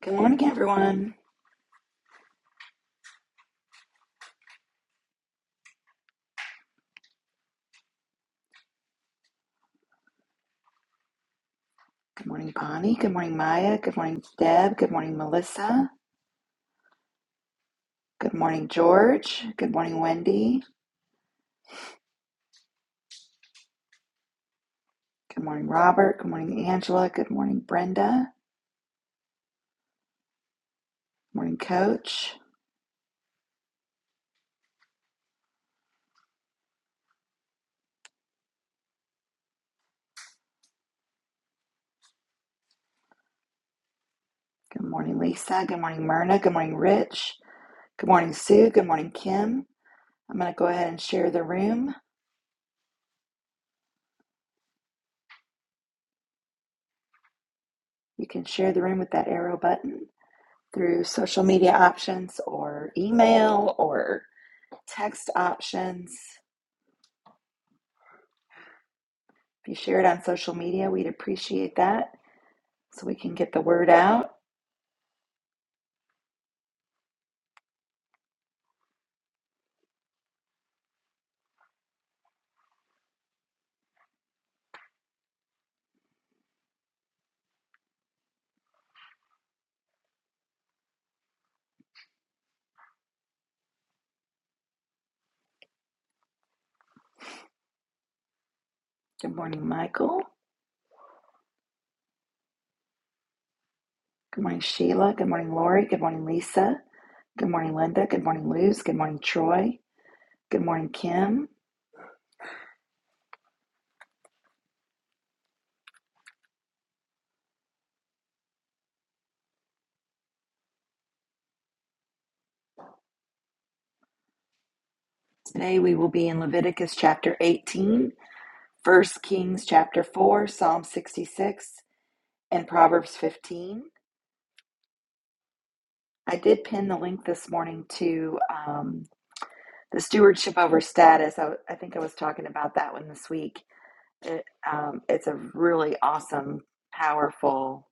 Good morning, everyone. Good morning, Bonnie. Good morning, Maya. Good morning, Deb. Good morning, Melissa. Good morning, George. Good morning, Wendy. Good morning, Robert. Good morning, Angela. Good morning, Brenda. Good morning, Coach. Good morning, Lisa. Good morning, Myrna. Good morning, Rich. Good morning, Sue. Good morning, Kim. I'm going to go ahead and share the room. You can share the room with that arrow button through social media options or email or text options. If you share it on social media, we'd appreciate that. so we can get the word out. Good morning, Michael. Good morning, Sheila. Good morning, Lori. Good morning, Lisa. Good morning, Linda. Good morning, Luz. Good morning, Troy. Good morning, Kim. Today we will be in Leviticus chapter 18, First Kings chapter 4, Psalm 66, and Proverbs 15. I did pin the link this morning to um, the stewardship over status. I, I think I was talking about that one this week. It, um, it's a really awesome, powerful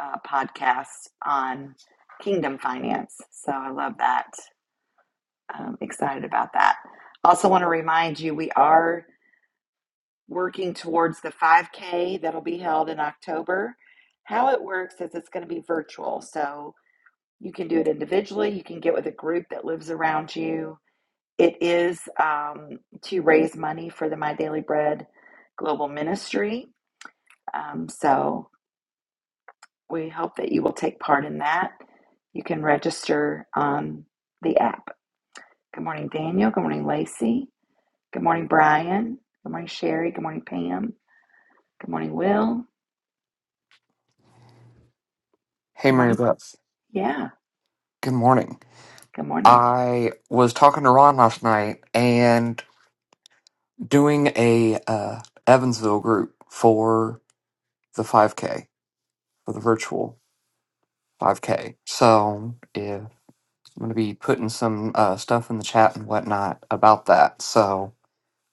uh, podcast on kingdom finance. So I love that. I'm excited about that. Also, want to remind you we are working towards the 5K that'll be held in October. How it works is it's going to be virtual. So you can do it individually, you can get with a group that lives around you. It is um, to raise money for the My Daily Bread Global Ministry. Um, so, We hope that you will take part in that. You can register on the app. Good morning, Daniel. Good morning, Lacey. Good morning, Brian. Good morning, Sherry. Good morning, Pam. Good morning, Will. Hey, Good Mary morning. Beth. Yeah, Good morning. good morning. I was talking to Ron last night and doing a uh, Evansville group for the 5K, for the virtual 5K. So yeah, I'm going to be putting some uh, stuff in the chat and whatnot about that. So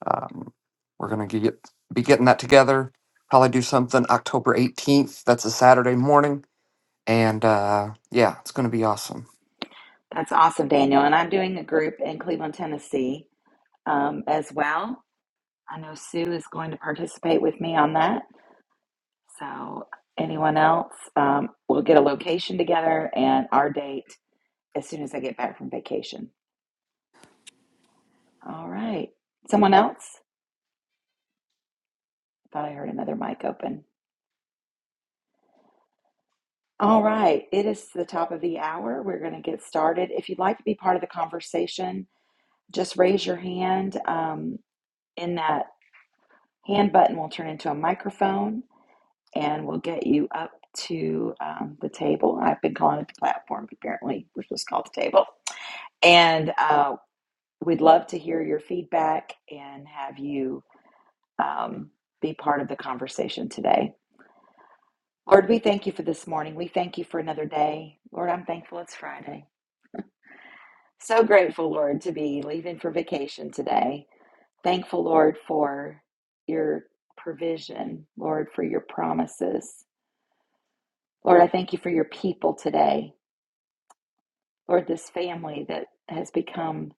um, we're going to get be getting that together. Probably do something October 18th. That's a Saturday morning. And uh, yeah, it's going to be awesome. That's awesome, Daniel. And I'm doing a group in Cleveland, Tennessee um, as well. I know Sue is going to participate with me on that. So, anyone else, um, we'll get a location together and our date as soon as I get back from vacation. All right. Someone else? I thought I heard another mic open. All right. It is the top of the hour. We're going to get started. If you'd like to be part of the conversation, just raise your hand. Um, in that hand button, will turn into a microphone and we'll get you up to um, the table. I've been calling it the platform, but apparently, we're supposed to call it the table. And uh, we'd love to hear your feedback and have you um, be part of the conversation today. Lord, we thank you for this morning. We thank you for another day. Lord, I'm thankful it's Friday. So grateful, Lord, to be leaving for vacation today. Thankful, Lord, for your provision, Lord, for your promises. Lord, I thank you for your people today. Lord, this family that has become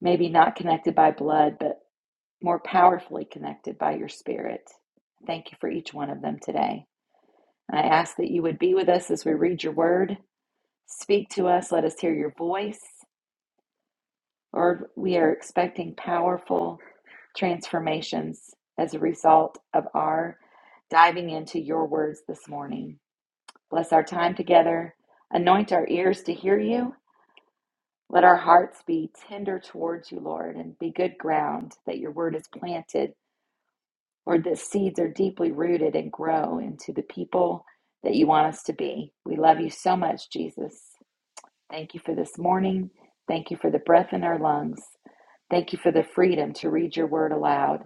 maybe not connected by blood, but more powerfully connected by your spirit. Thank you for each one of them today. And I ask that you would be with us as we read your word. Speak to us. Let us hear your voice. Lord, we are expecting powerful transformations as a result of our diving into your words this morning. Bless our time together. Anoint our ears to hear you. Let our hearts be tender towards you, Lord, and be good ground that your word is planted, Lord, that seeds are deeply rooted and grow into the people that you want us to be. We love you so much, Jesus. Thank you for this morning. Thank you for the breath in our lungs. Thank you for the freedom to read your word aloud.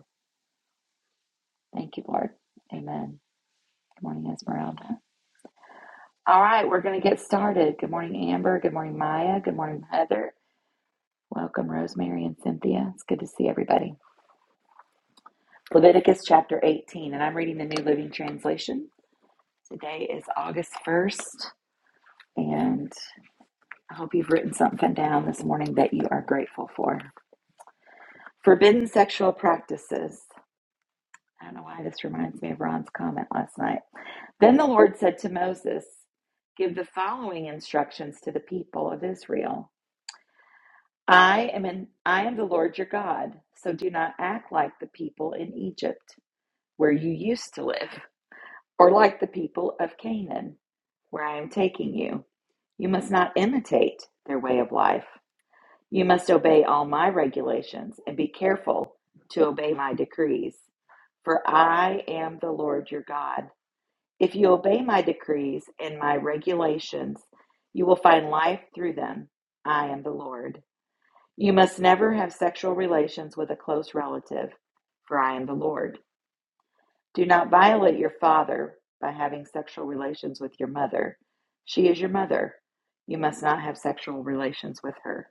Thank you, Lord. Amen. Good morning, Esmeralda. All right, we're going to get started. Good morning, Amber. Good morning, Maya. Good morning, Heather. Welcome, Rosemary and Cynthia. It's good to see everybody. Leviticus chapter 18, and I'm reading the New Living Translation. Today is August 1st, and I hope you've written something down this morning that you are grateful for. Forbidden sexual practices. I don't know why this reminds me of Ron's comment last night. Then the Lord said to Moses, Give the following instructions to the people of Israel. I am in, I am the Lord your God, so do not act like the people in Egypt where you used to live, or like the people of Canaan where I am taking you. You must not imitate their way of life. You must obey all my regulations and be careful to obey my decrees, for I am the Lord your God. If you obey my decrees and my regulations, you will find life through them. I am the Lord. You must never have sexual relations with a close relative, for I am the Lord. Do not violate your father by having sexual relations with your mother. She is your mother. You must not have sexual relations with her.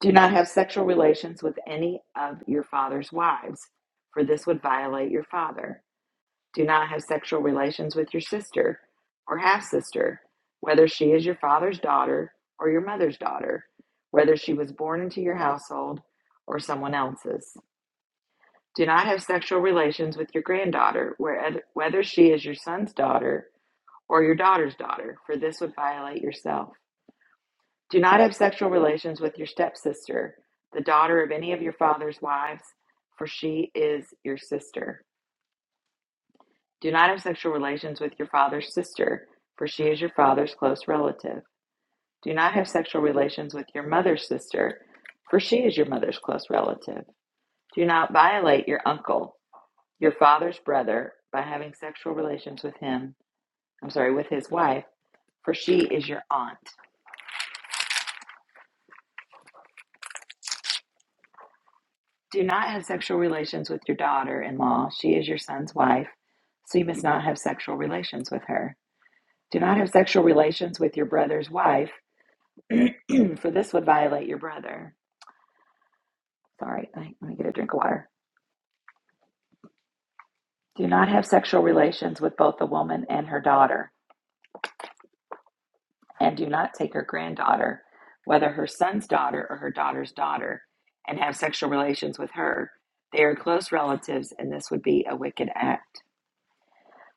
Do not have sexual relations with any of your father's wives, for this would violate your father. Do not have sexual relations with your sister or half sister, whether she is your father's daughter or your mother's daughter, whether she was born into your household or someone else's. Do not have sexual relations with your granddaughter, whether she is your son's daughter or your daughter's daughter, for this would violate yourself. Do not have sexual relations with your stepsister, the daughter of any of your father's wives, for she is your sister. Do not have sexual relations with your father's sister, for she is your father's close relative. Do not have sexual relations with your mother's sister, for she is your mother's close relative. Do not violate your uncle, your father's brother, by having sexual relations with him, I'm sorry, with his wife, for she is your aunt. Do not have sexual relations with your daughter in law, she is your son's wife, so you must not have sexual relations with her. Do not have sexual relations with your brother's wife. for this would violate your brother. Sorry, let me get a drink of water. Do not have sexual relations with both the woman and her daughter, and do not take her granddaughter, whether her son's daughter or her daughter's daughter, and have sexual relations with her. They are close relatives, and this would be a wicked act.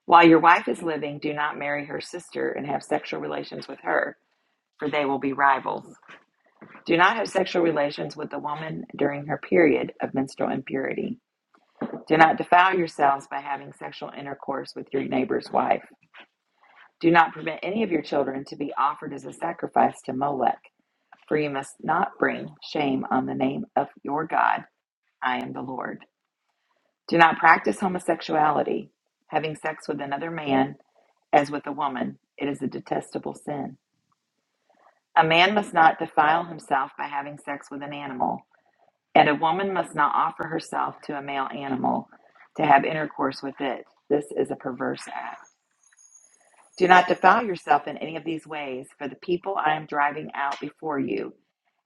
While your wife is living, do not marry her sister and have sexual relations with her, for they will be rivals. Do not have sexual relations with the woman during her period of menstrual impurity. Do not defile yourselves by having sexual intercourse with your neighbor's wife. Do not permit any of your children to be offered as a sacrifice to Molech, for you must not bring shame on the name of your God. I am the Lord. Do not practice homosexuality, having sex with another man as with a woman. It is a detestable sin. A man must not defile himself by having sex with an animal, and a woman must not offer herself to a male animal to have intercourse with it. This is a perverse act. Do not defile yourself in any of these ways, for the people I am driving out before you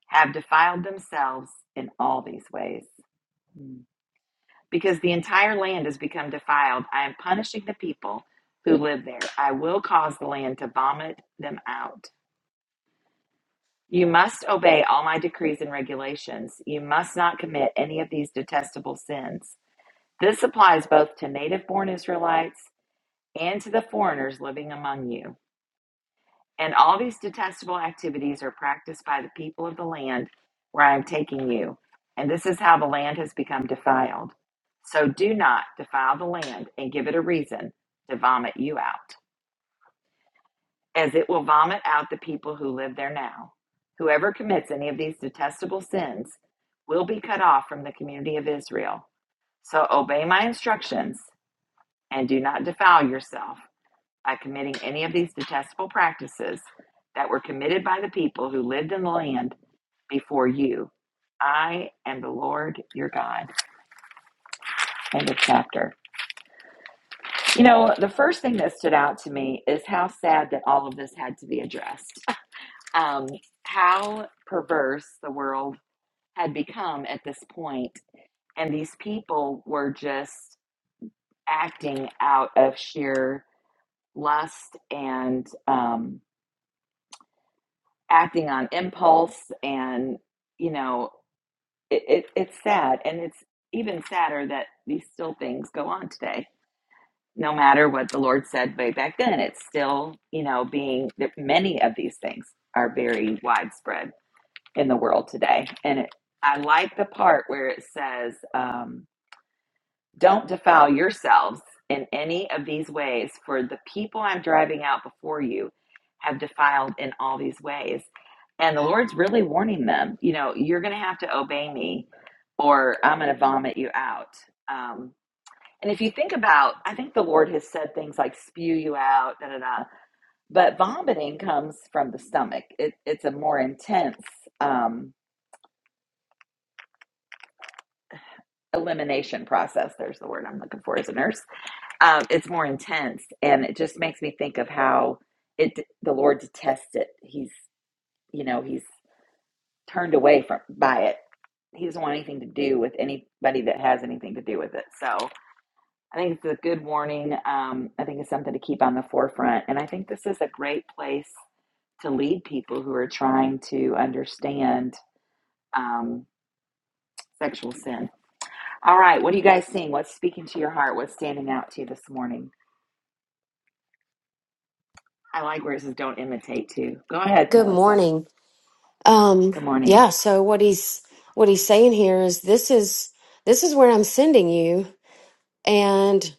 have defiled themselves in all these ways. Mm. Because the entire land has become defiled, I am punishing the people who live there. I will cause the land to vomit them out. You must obey all my decrees and regulations. You must not commit any of these detestable sins. This applies both to native born Israelites and to the foreigners living among you. And all these detestable activities are practiced by the people of the land where I am taking you. And this is how the land has become defiled. So do not defile the land and give it a reason to vomit you out, as it will vomit out the people who live there now. Whoever commits any of these detestable sins will be cut off from the community of Israel. So obey my instructions and do not defile yourself by committing any of these detestable practices that were committed by the people who lived in the land before you. I am the Lord your God. End of chapter. You know, the first thing that stood out to me is how sad that all of this had to be addressed. Um, how perverse the world had become at this point, and these people were just acting out of sheer lust and um, acting on impulse and you know it, it, it's sad and it's even sadder that these still things go on today no matter what the lord said way back then it's still you know being that many of these things are very widespread in the world today and it, i like the part where it says um, don't defile yourselves in any of these ways, for the people I'm driving out before you have defiled in all these ways. And the Lord's really warning them, you know, you're going to have to obey me or I'm going to vomit you out. Um, and if you think about, I think the Lord has said things like spew you out, da da da. But vomiting comes from the stomach. It, it's a more intense um, elimination process. There's the word I'm looking for as a nurse um, it's more intense and it just makes me think of how it the lord detests it he's you know he's turned away from by it he doesn't want anything to do with anybody that has anything to do with it so i think it's a good warning um, i think it's something to keep on the forefront and i think this is a great place to lead people who are trying to understand um, sexual sin all right what are you guys seeing what's speaking to your heart what's standing out to you this morning i like where it says don't imitate too go ahead Good melissa morning. Um, Good morning. yeah, so what he's what he's saying here is this is this is where I'm sending you and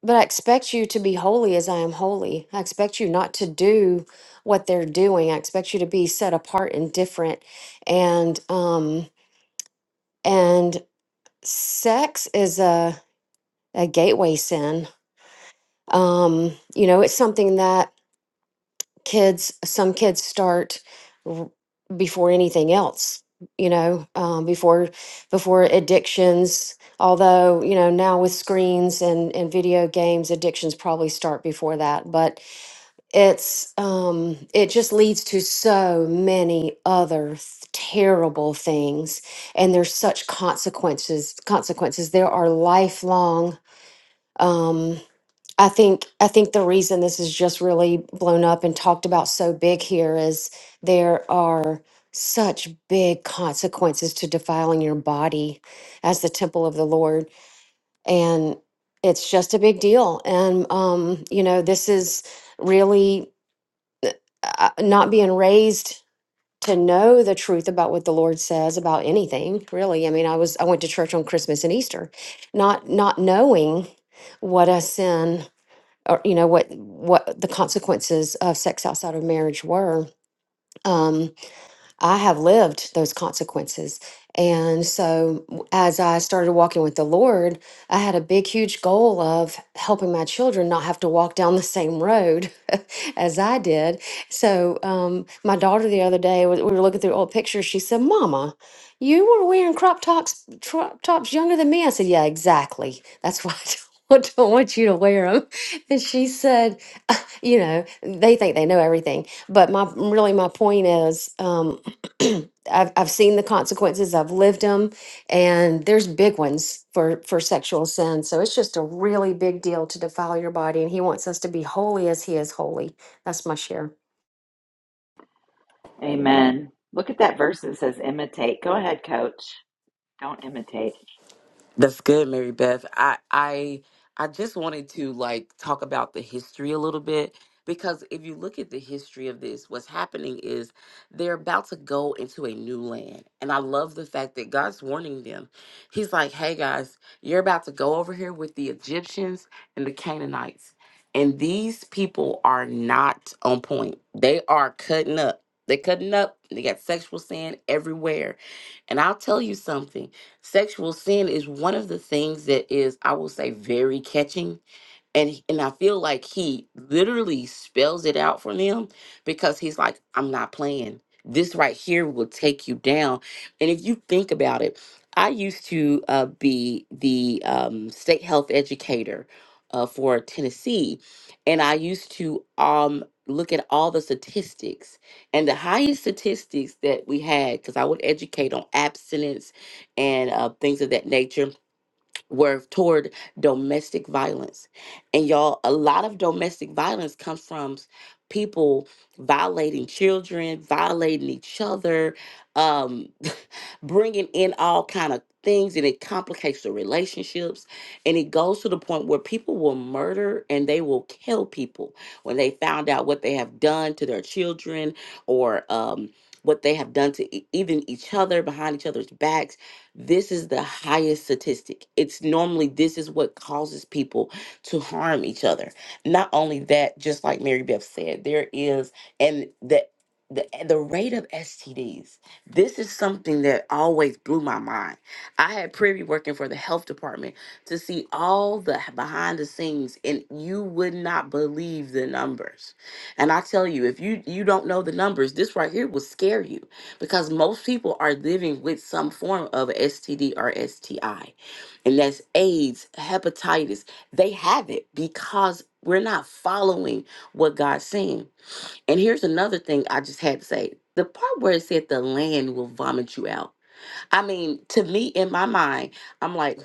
but I expect you to be holy as I am holy. I expect you not to do what they're doing. I expect you to be set apart and different. And um and sex is a a gateway sin. Um, you know, it's something that kids some kids start r- before anything else you know um, before before addictions although you know now with screens and and video games addictions probably start before that but it's um it just leads to so many other th- terrible things and there's such consequences consequences there are lifelong Um, I think I think the reason this is just really blown up and talked about so big here is there are such big consequences to defiling your body as the temple of the Lord and it's just a big deal and um you know this is really uh, not being raised to know the truth about what the Lord says about anything really I mean I was I went to church on Christmas and Easter not not knowing what a sin or you know what what the consequences of sex outside of marriage were um i have lived those consequences and so w- as i started walking with the lord i had a big huge goal of helping my children not have to walk down the same road as i did so um my daughter the other day we we were looking through old pictures she said mama you were wearing crop tops crop tops younger than me i said yeah exactly that's why i don't don't want you to wear them and she said you know they think they know everything but my really my point is um I've, I've seen the consequences i've lived them and there's big ones for for sexual sin so it's just a really big deal to defile your body and he wants us to be holy as he is holy that's my share Amen. Look at that verse that says imitate. Go ahead, coach. Don't imitate. That's good, Mary Beth. I I I just wanted to like talk about the history a little bit because if you look at the history of this, what's happening is they're about to go into a new land. And I love the fact that God's warning them. He's like, "Hey guys, you're about to go over here with the Egyptians and the Canaanites. And these people are not on point. They are cutting up. They cutting up. They got sexual sin everywhere. And I'll tell you something. Sexual sin is one of the things that is, I will say, very catching and he- and I feel like he literally spells it out for them because he's like, I'm not playing. This right here will take you down. And if you think about it, I used to uh, be the um, state health educator uh, for Tennessee, and I used to um, look at all the statistics. And the highest statistics that we had, because I would educate on abstinence and uh, things of that nature were toward domestic violence. And y'all, a lot of domestic violence comes from people violating children, violating each other, um, bringing in all kind of things, and it complicates the relationships. And it goes to the point where people will murder and they will kill people when they found out what they have done to their children or um, what they have done to e- even each other behind each other's backs this is the highest statistic. It's normally this is what causes people to harm each other. Not only that, just like Mary Beth said, there is and the the, the rate of STDs. This is something that always blew my mind. I had privy working for the health department to see all the behind the scenes, and you would not believe the numbers. And I tell you, if you you don't know the numbers, this right here will scare you because most people are living with some form of STD or STI, and that's AIDS, hepatitis. They have it because we're not following what God's saying. And here's another thing I just had to say the part where it said the land will vomit you out. I mean, to me, in my mind, I'm like,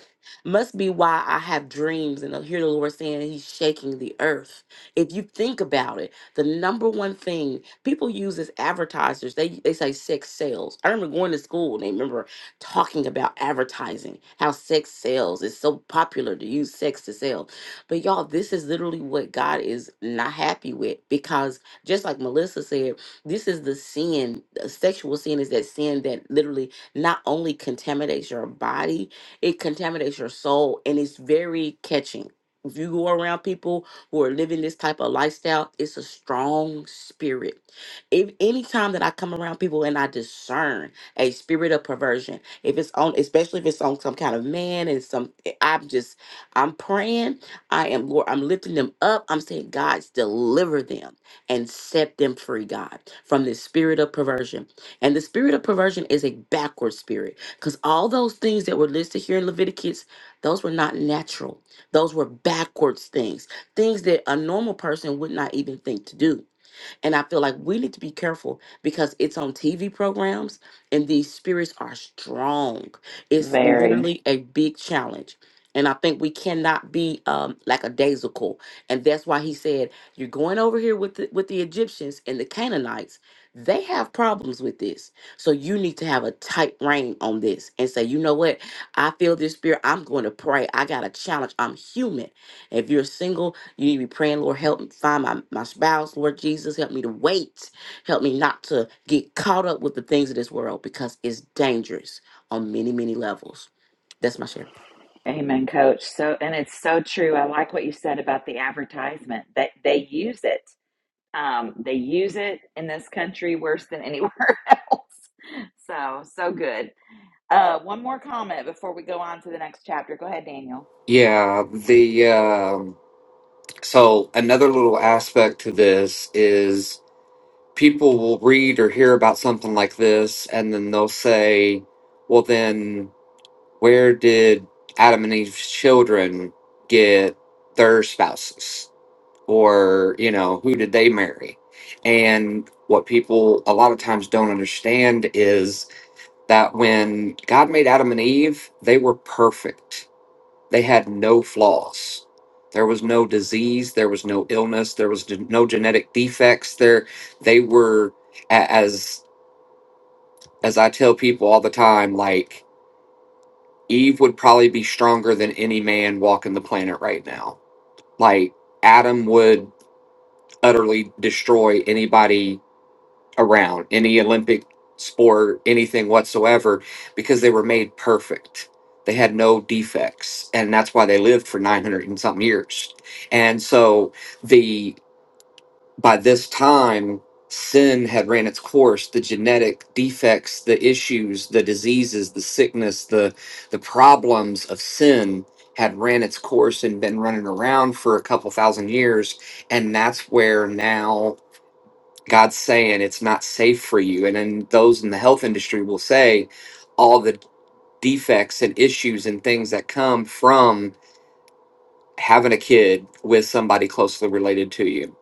must be why I have dreams and I hear the Lord saying He's shaking the earth. If you think about it, the number one thing people use as advertisers, they they say sex sales. I remember going to school and they remember talking about advertising, how sex sells. It's so popular to use sex to sell. But y'all, this is literally what God is not happy with because just like Melissa said, this is the sin. uh, Sexual sin is that sin that literally not only contaminates your body, it contaminates your soul and it's very catching. If you go around people who are living this type of lifestyle, it's a strong spirit. If any time that I come around people and I discern a spirit of perversion, if it's on, especially if it's on some kind of man and some, I'm just, I'm praying, I am Lord, I'm lifting them up. I'm saying, God, deliver them and set them free, God, from this spirit of perversion and the spirit of perversion is a backward spirit because all those things that were listed here in Leviticus, those were not natural. Those were backwards things, things that a normal person would not even think to do. And I feel like we need to be careful because it's on TV programs and these spirits are strong. It's Very. literally a big challenge. And I think we cannot be um, like a daisical. And that's why he said, you're going over here with the, with the Egyptians and the Canaanites. They have problems with this. So you need to have a tight rein on this and say, you know what? I feel this spirit. I'm going to pray. I got a challenge. I'm human. If you're single, you need to be praying, Lord, help me find my, my spouse, Lord Jesus. Help me to wait. Help me not to get caught up with the things of this world because it's dangerous on many, many levels. That's my share. Amen, coach. So, and it's so true. I like what you said about the advertisement that they use it. Um, they use it in this country worse than anywhere else. So, so good. Uh, one more comment before we go on to the next chapter. Go ahead, Daniel. Yeah, the So, another little aspect to this is people will read or hear about something like this, and then they'll say, Well, then, where did Adam and Eve's children get their spouses? Or, you know, who did they marry? And what people a lot of times don't understand is that when God made Adam and Eve, they were perfect they had no flaws. There was no disease. There was no illness. There was d- no genetic defects. There, they were a- as as I tell people all the time. Like Eve would probably be stronger than any man walking the planet right now. Like Adam would utterly destroy anybody around any Olympic sport, anything whatsoever, because they were made perfect. They had no defects, and that's why they lived for 900 and something years. And so the by this time sin had ran its course the genetic defects the issues the diseases the sickness the the problems of sin had ran its course and been running around for a couple thousand years and that's where now God's saying it's not safe for you. And then those in the health industry will say all the defects and issues and things that come from having a kid with somebody closely related to you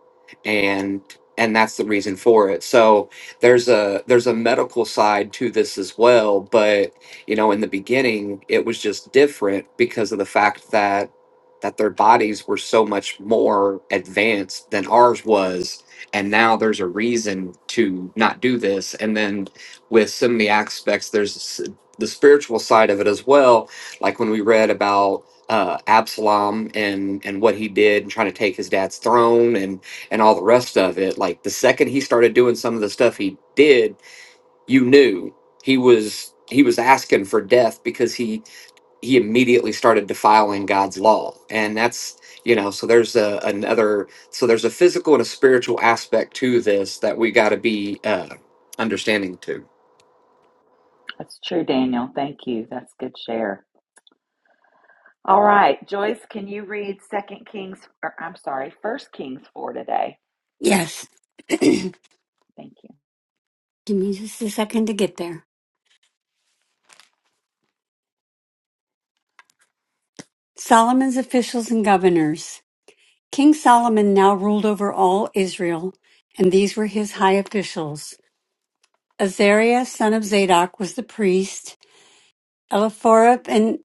and and that's the reason for it so there's a there's a medical side to this as well but you know in the beginning it was just different because of the fact that that their bodies were so much more advanced than ours was and now there's a reason to not do this and then with so many aspects there's s- the spiritual side of it as well like when we read about uh, Absalom and and what he did and trying to take his dad's throne and and all the rest of it. Like the second he started doing some of the stuff he did, you knew he was he was asking for death because he he immediately started defiling God's law, and that's you know so there's a, another so there's a physical and a spiritual aspect to this that we got to be uh, understanding too. That's true, Daniel. Thank you. That's good share. All right, Joyce, can you read Second Kings, or I'm sorry, First Kings 4 today? Yes, Thank you. give me just a second to get there. Solomon's officials and governors. King Solomon now ruled over all Israel, and these were his high officials. Azariah, son of Zadok, was the priest. Eliphorep and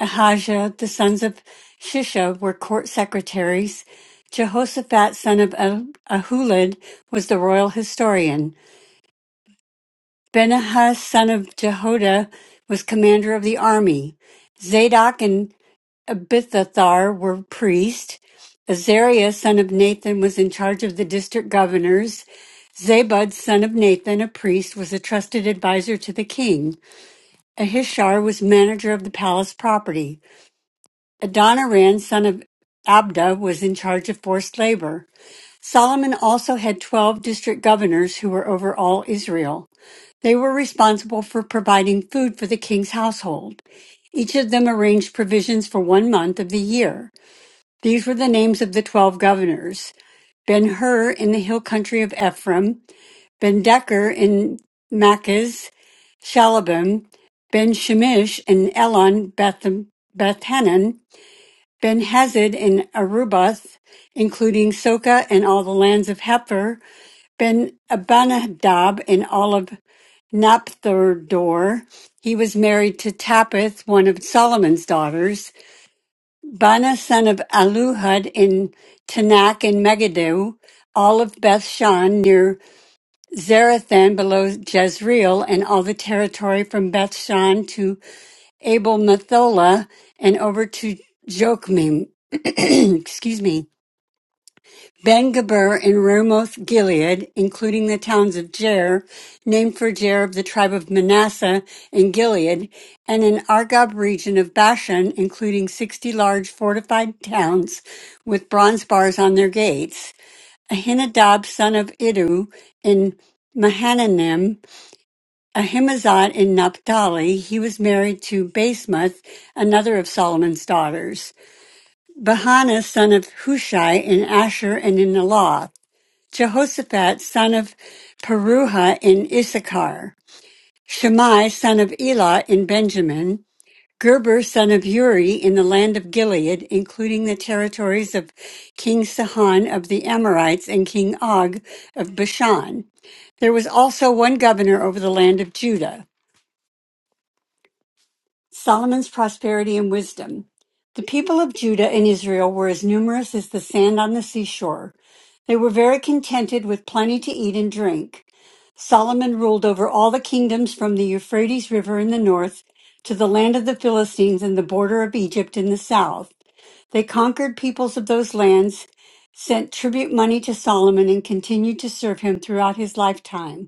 Ahijah, the sons of Shisha, were court secretaries. Jehoshaphat, son of Ah- Ahulad, was the royal historian. Benahah, son of Jehoiada, was commander of the army. Zadok and Abithathar were priest. Azariah, son of Nathan, was in charge of the district governors. Zabud, son of Nathan, a priest, was a trusted advisor to the king. Ahishar was manager of the palace property. Adoniram, son of Abda, was in charge of forced labor. Solomon also had 12 district governors who were over all Israel. They were responsible for providing food for the king's household. Each of them arranged provisions for one month of the year. These were the names of the twelve governors Ben Hur in the hill country of Ephraim, Ben Decker in Machaz, Shalabim, Ben Shemish in Elon, Beth, Bethanan, Ben Hazad in Arubath, including Soka and all the lands of Hepher, Ben Abanadab in all of Naphtardor. He was married to Tapith, one of Solomon's daughters, Bana son of Aluhud in Tanakh and Megiddo, all of Beth Shan near Zarathan below Jezreel, and all the territory from Beth Shan to Abel Methola and over to Jokmim. Excuse me. Ben-Geber and Ramoth Gilead, including the towns of Jair, named for Jair of the tribe of Manasseh in Gilead, and an Argob region of Bashan, including 60 large fortified towns with bronze bars on their gates. Ahinadab, son of Idu, in Mahananim, Ahimazot in Naphtali, he was married to Basemath, another of Solomon's daughters. Bahana, son of Hushai, in Asher and in Elath. Jehoshaphat, son of Peruha in Issachar, Shammai, son of Elah in Benjamin, Gerber, son of Uri in the land of Gilead, including the territories of King Sihon of the Amorites and King Og of Bashan. There was also one governor over the land of Judah. Solomon's prosperity and wisdom. The people of Judah and Israel were as numerous as the sand on the seashore. They were very contented with plenty to eat and drink. Solomon ruled over all the kingdoms from the Euphrates River in the north to the land of the Philistines and the border of Egypt in the south. They conquered peoples of those lands, sent tribute money to Solomon, and continued to serve him throughout his lifetime.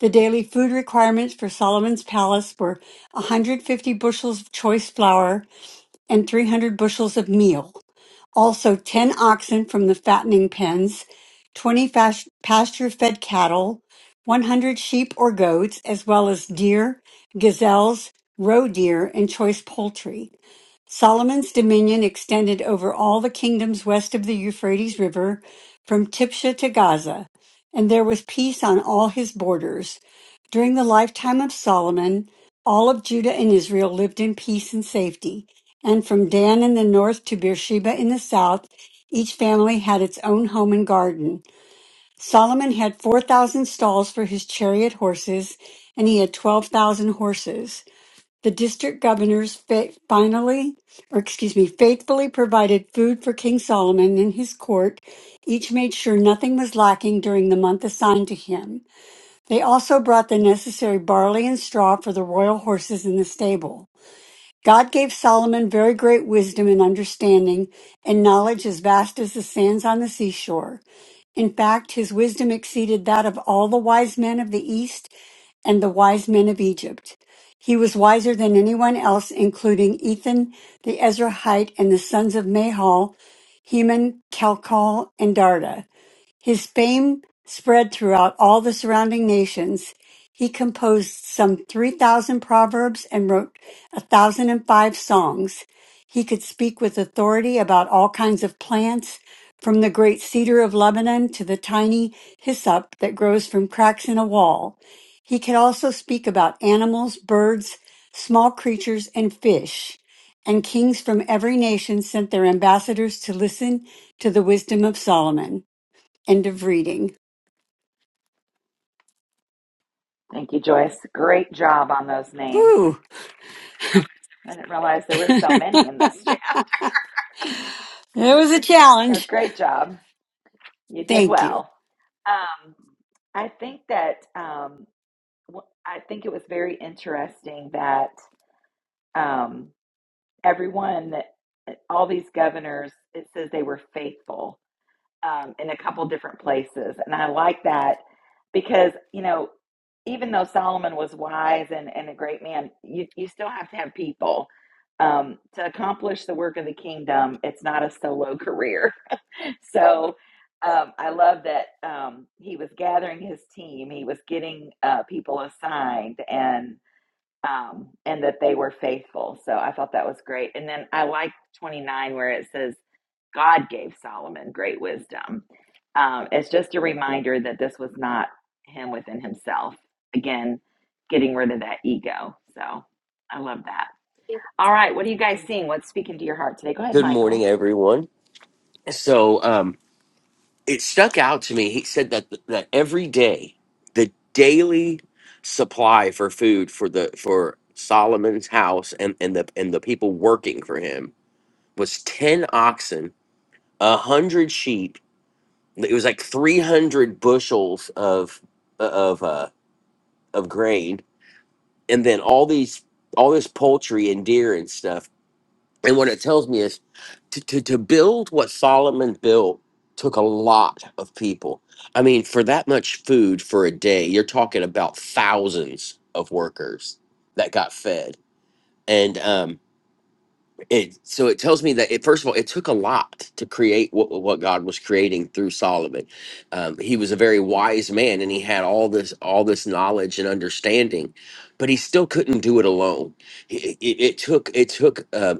The daily food requirements for Solomon's palace were 150 bushels of choice flour and 300 bushels of meal. Also, 10 oxen from the fattening pens, 20 fas- pasture fed cattle, 100 sheep or goats, as well as deer, gazelles, roe deer, and choice poultry. Solomon's dominion extended over all the kingdoms west of the Euphrates River, from Tipsha to Gaza, and there was peace on all his borders. During the lifetime of Solomon, all of Judah and Israel lived in peace and safety. And from Dan in the north to Beersheba in the south, each family had its own home and garden. Solomon had 4,000 stalls for his chariot horses, and he had 12,000 horses. The district governors fa- finally, or excuse me, faithfully provided food for King Solomon and his court. Each made sure nothing was lacking during the month assigned to him. They also brought the necessary barley and straw for the royal horses in the stable. God gave Solomon very great wisdom and understanding and knowledge as vast as the sands on the seashore. In fact, his wisdom exceeded that of all the wise men of the East and the wise men of Egypt. He was wiser than anyone else, including Ethan, the Ezrahite, and the sons of Mahal, Heman, Chalcol, and Darda. His fame spread throughout all the surrounding nations. He composed some 3,000 proverbs and wrote 1,005 songs. He could speak with authority about all kinds of plants, from the great cedar of Lebanon to the tiny hyssop that grows from cracks in a wall. He could also speak about animals, birds, small creatures, and fish. And kings from every nation sent their ambassadors to listen to the wisdom of Solomon. End of reading. Thank you, Joyce. Great job on those names. Whew. I didn't realize there were so many in this chat. That was a So challenge. great job. You did Thank you. well. Um, I think that um, w- I think it was very interesting that um, everyone, eh, all these governors, it says they were faithful um, in a couple different places. And I like that because, you know, even though Solomon was wise and, and a great man, you, you still have to have people. Um, to accomplish the work of the kingdom, it's not a solo career. So um, I love that um, he was gathering his team, he was getting uh, people assigned, and um, and that they were faithful. So I thought that was great. And then I like 29 where it says, God gave Solomon great wisdom. Um, it's just a reminder that this was not him within himself. Again, getting rid of that ego. So I love that. All right, what are you guys seeing? What's speaking to your heart today? Go ahead, Good morning, Michael. everyone. So, um, it stuck out to me. He said that that every day, the daily supply for food for the for Solomon's house and and the and the people working for him was ten oxen, a hundred sheep. It was like three hundred bushels of of uh, of grain, and then all these all this poultry and deer and stuff. And what it tells me is to, to, to build what Solomon built took a lot of people. I mean, for that much food for a day, you're talking about thousands of workers that got fed. And um, it, so it tells me that, it, first of all, it took a lot to create what, what God was creating through Solomon. Um, he was a very wise man and he had all this, all this knowledge and understanding, but he still couldn't do it alone. It, it, it took, it took, uh,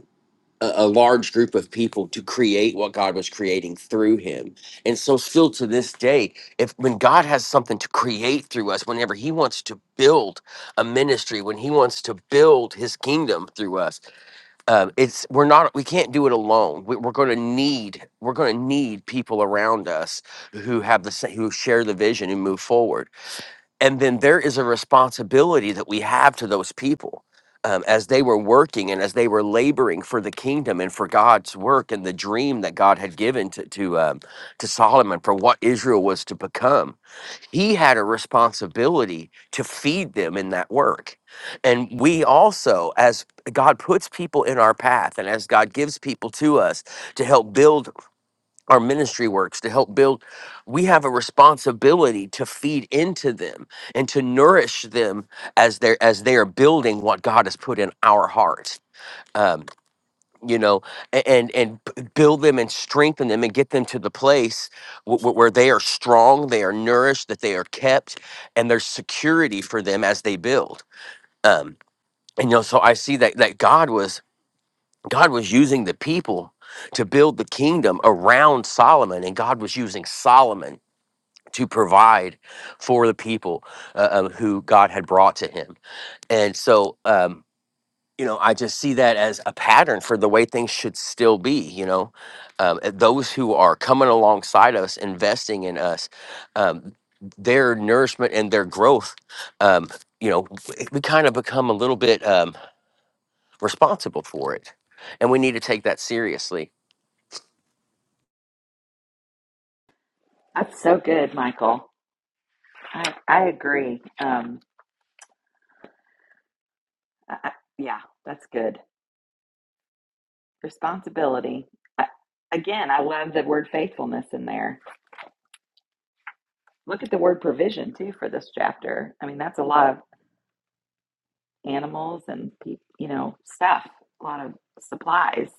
a, a large group of people to create what God was creating through him. And so still to this day, if when God has something to create through us, whenever he wants to build a ministry, when he wants to build his kingdom through us, um, it's we're not we can't do it alone. We, we're going to need we're going to need people around us who have the sa- who share the vision and move forward and then there is a responsibility that we have to those people um, as they were working and as they were laboring for the kingdom and for God's work and the dream that God had given to to, um, to Solomon for what Israel was to become. He had a responsibility to feed them in that work, and we also, as God puts people in our path and as God gives people to us to help build our ministry works to help build we have a responsibility to feed into them and to nourish them as they're as they are building what god has put in our hearts um, you know a- and and b- build them and strengthen them and get them to the place wh- wh- where they are strong they are nourished that they are kept and there's security for them as they build um, and you know so i see that that god was God was using the people to build the kingdom around Solomon, and God was using Solomon to provide for the people uh, um, who God had brought to him. And so, um, you know, I just see that as a pattern for the way things should still be. You know, um, uh, those who are coming alongside us, investing in us, um, their nourishment and their growth. Um, you know, we kind of become a little bit um, responsible for it, and we need to take that seriously That's so good, Michael. I, I agree. Um, I, I- yeah, that's good. Responsibility. I, again, I love the word faithfulness in there Look at the word provision too for this chapter. I mean, that's a lot of animals and pe- you know stuff, a lot of supplies.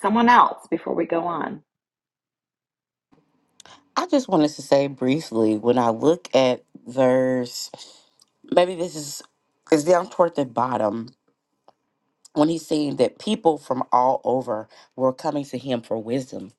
Someone else before we go on. I just wanted to say briefly when I look at verse, maybe this is is down toward the bottom. when he's saying that people from all over were coming to him for wisdom,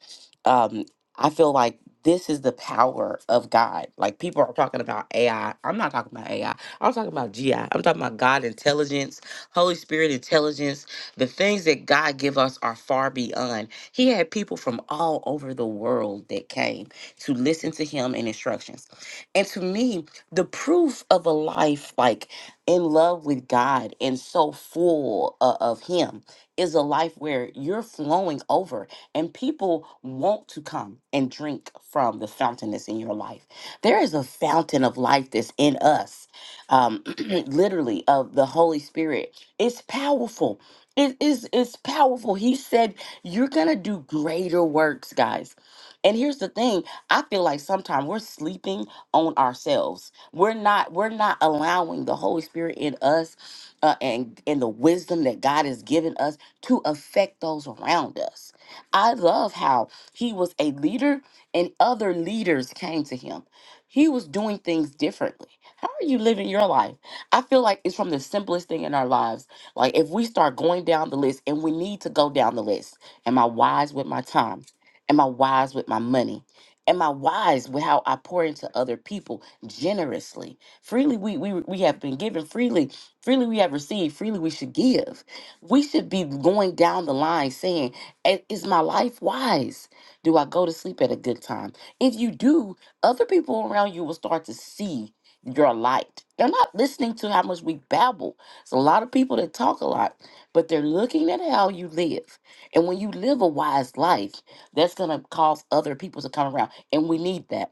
um, I feel like this is the power of God. Like people are talking about AI. I'm not talking about AI. I'm talking about GI. I'm talking about God intelligence, Holy Spirit intelligence. The things that God give us are far beyond. He had people from all over the world that came to listen to him and instructions. And to me, the proof of a life like in love with God and so full uh, of Him is a life where you're flowing over and people want to come and drink from the fountain that's in your life. There is a fountain of life that's in us, um, literally, of the Holy Spirit. It's powerful. It is it's powerful. He said, You're gonna do greater works, guys. And here's the thing I feel like sometimes we're sleeping on ourselves we're not we're not allowing the Holy Spirit in us uh, and and the wisdom that God has given us to affect those around us. I love how he was a leader and other leaders came to him. He was doing things differently. How are you living your life? I feel like it's from the simplest thing in our lives. Like if we start going down the list and we need to go down the list. Am I wise with my time? Am I wise with my money? Am I wise with how I pour into other people? generously. Freely we, we we have been given freely, freely we have received, freely we should give. We should be going down the line saying, "A- is my life wise? Do I go to sleep at a good time? If you do, other people around you will start to see your light. They're not listening to how much we babble. It's a lot of people that talk a lot, but they're looking at how you live. And when you live a wise life, that's going to cause other people to come around. And we need that.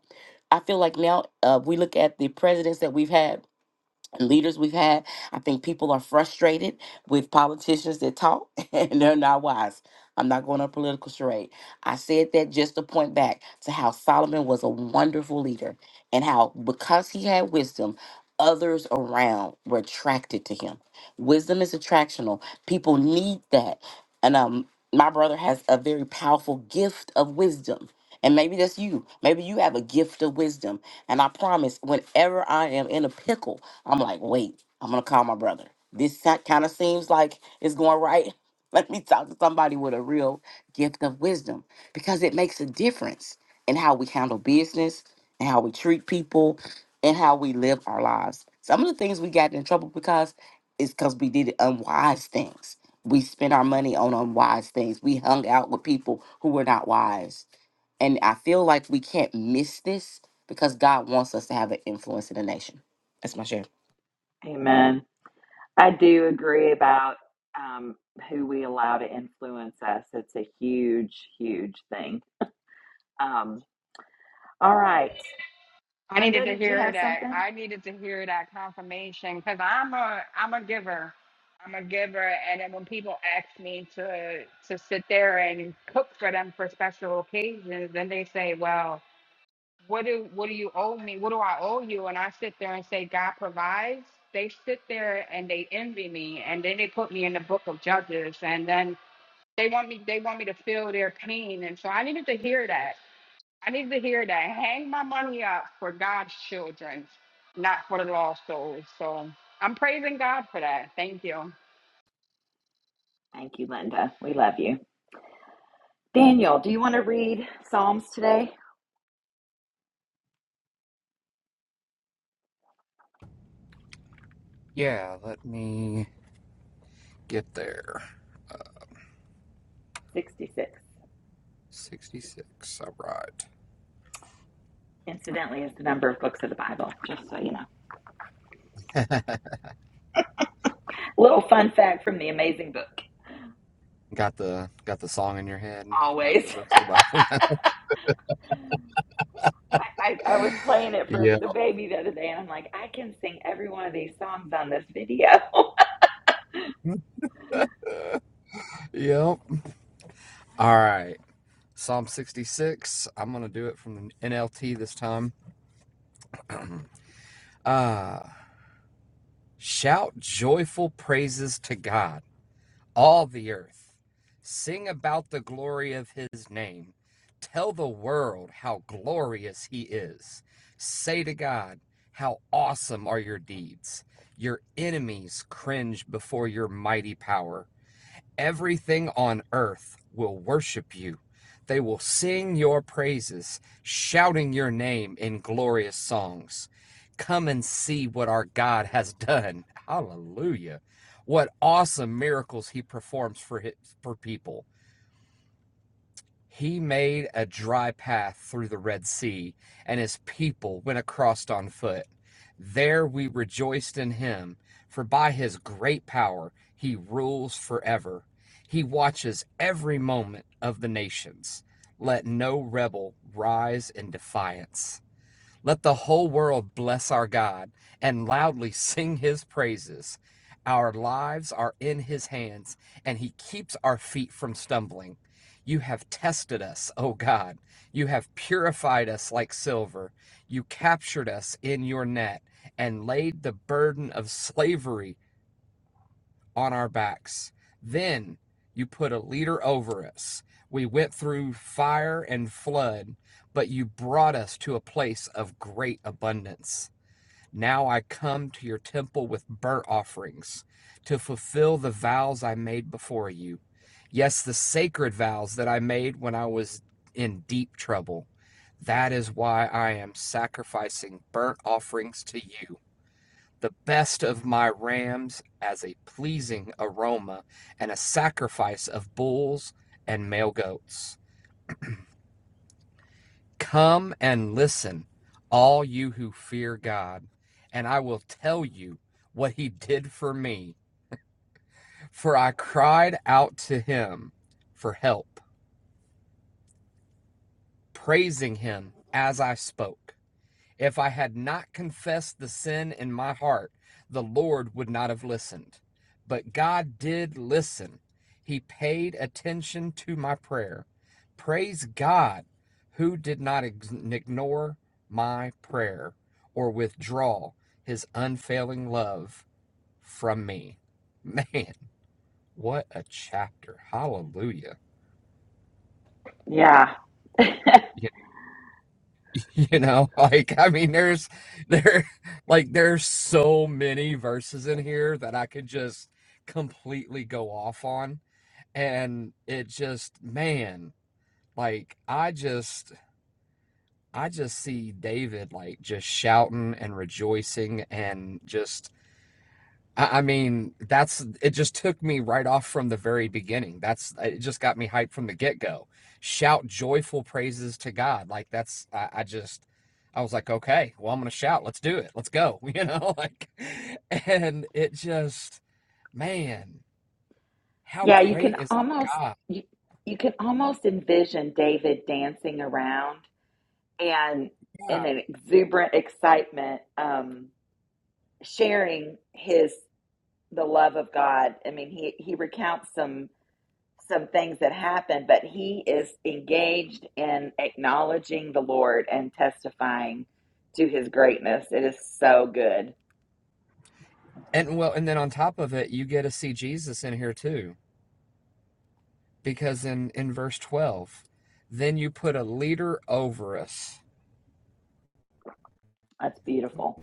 I feel like now uh, we look at the presidents that we've had leaders we've had. I think people are frustrated with politicians that talk and they're not wise. I'm not going on a political charade. I said that just to point back to how Solomon was a wonderful leader and how because he had wisdom, others around were attracted to him. Wisdom is attractional. People need that. And um my brother has a very powerful gift of wisdom. And maybe that's you. Maybe you have a gift of wisdom. And I promise, whenever I am in a pickle, I'm like, wait, I'm gonna call my brother. This kind of seems like it's going right. Let me talk to somebody with a real gift of wisdom because it makes a difference in how we handle business and how we treat people and how we live our lives. Some of the things we got in trouble because is because we did unwise things. We spent our money on unwise things. We hung out with people who were not wise. And I feel like we can't miss this because God wants us to have an influence in the nation. That's my share. Amen. I do agree about um, who we allow to influence us. It's a huge, huge thing. Um, all right. I needed Linda, to did you hear have that. something? I needed to hear that confirmation because I'm a I'm a giver. I'm a giver, and then when people ask me to to sit there and cook for them for special occasions, then they say, "Well, what do what do you owe me? What do I owe you?" And I sit there and say, "God provides." They sit there and they envy me, and then they put me in the book of Judges, and then they want me they want me to feel their pain, and so I needed to hear that. I need to hear that. Hang my money up for God's children, not for the lost souls. So I'm praising God for that. Thank you. Thank you, Linda. We love you. Daniel, do you want to read Psalms today? 66. Incidentally, is the number of books of the Bible, just so you know. Little fun fact from the amazing book. Always. I, I, was playing it for the baby the other day, and I'm like, I can sing every one of these songs on this video. Yeah. Yeah, you can almost you, you can almost envision David dancing around and in an exuberant excitement, um, sharing his the love of God. I mean, he he recounts some some things that happen, but he is engaged in acknowledging the Lord and testifying to his greatness. It is so good. That's beautiful.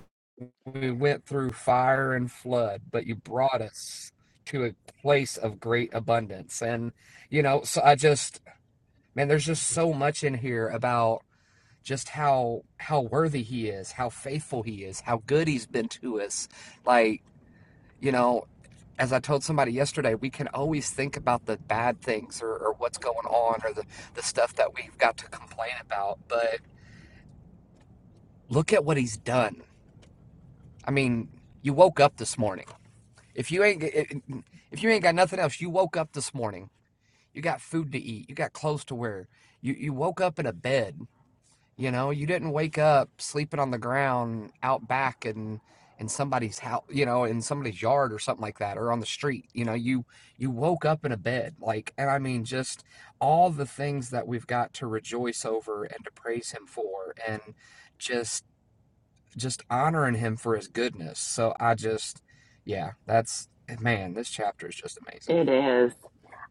It is.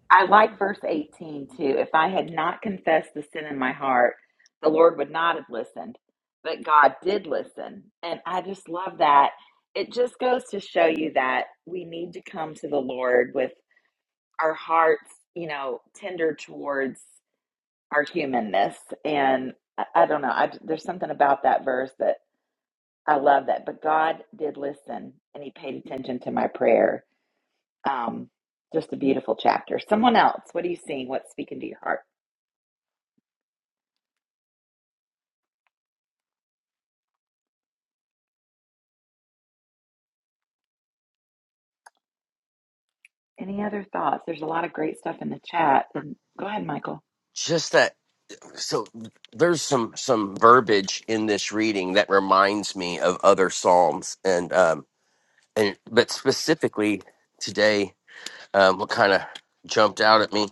I like verse 18 too. If I had not confessed the sin in my heart, the Lord would not have listened, but God did listen. And I just love that. It just goes to show you that we need to come to the Lord with our hearts, you know, tender towards our humanness. And I, I don't know. I, there's something about that verse that I love that. But God did listen and he paid attention to my prayer. Um, just a beautiful chapter. Someone else, what are you seeing? What's speaking to your heart? Any other thoughts? There's a lot of great stuff in the chat. And go ahead, Michael. just that so there's some some verbiage in this reading that reminds me of other psalms and um and but specifically today um what kind of jumped out at me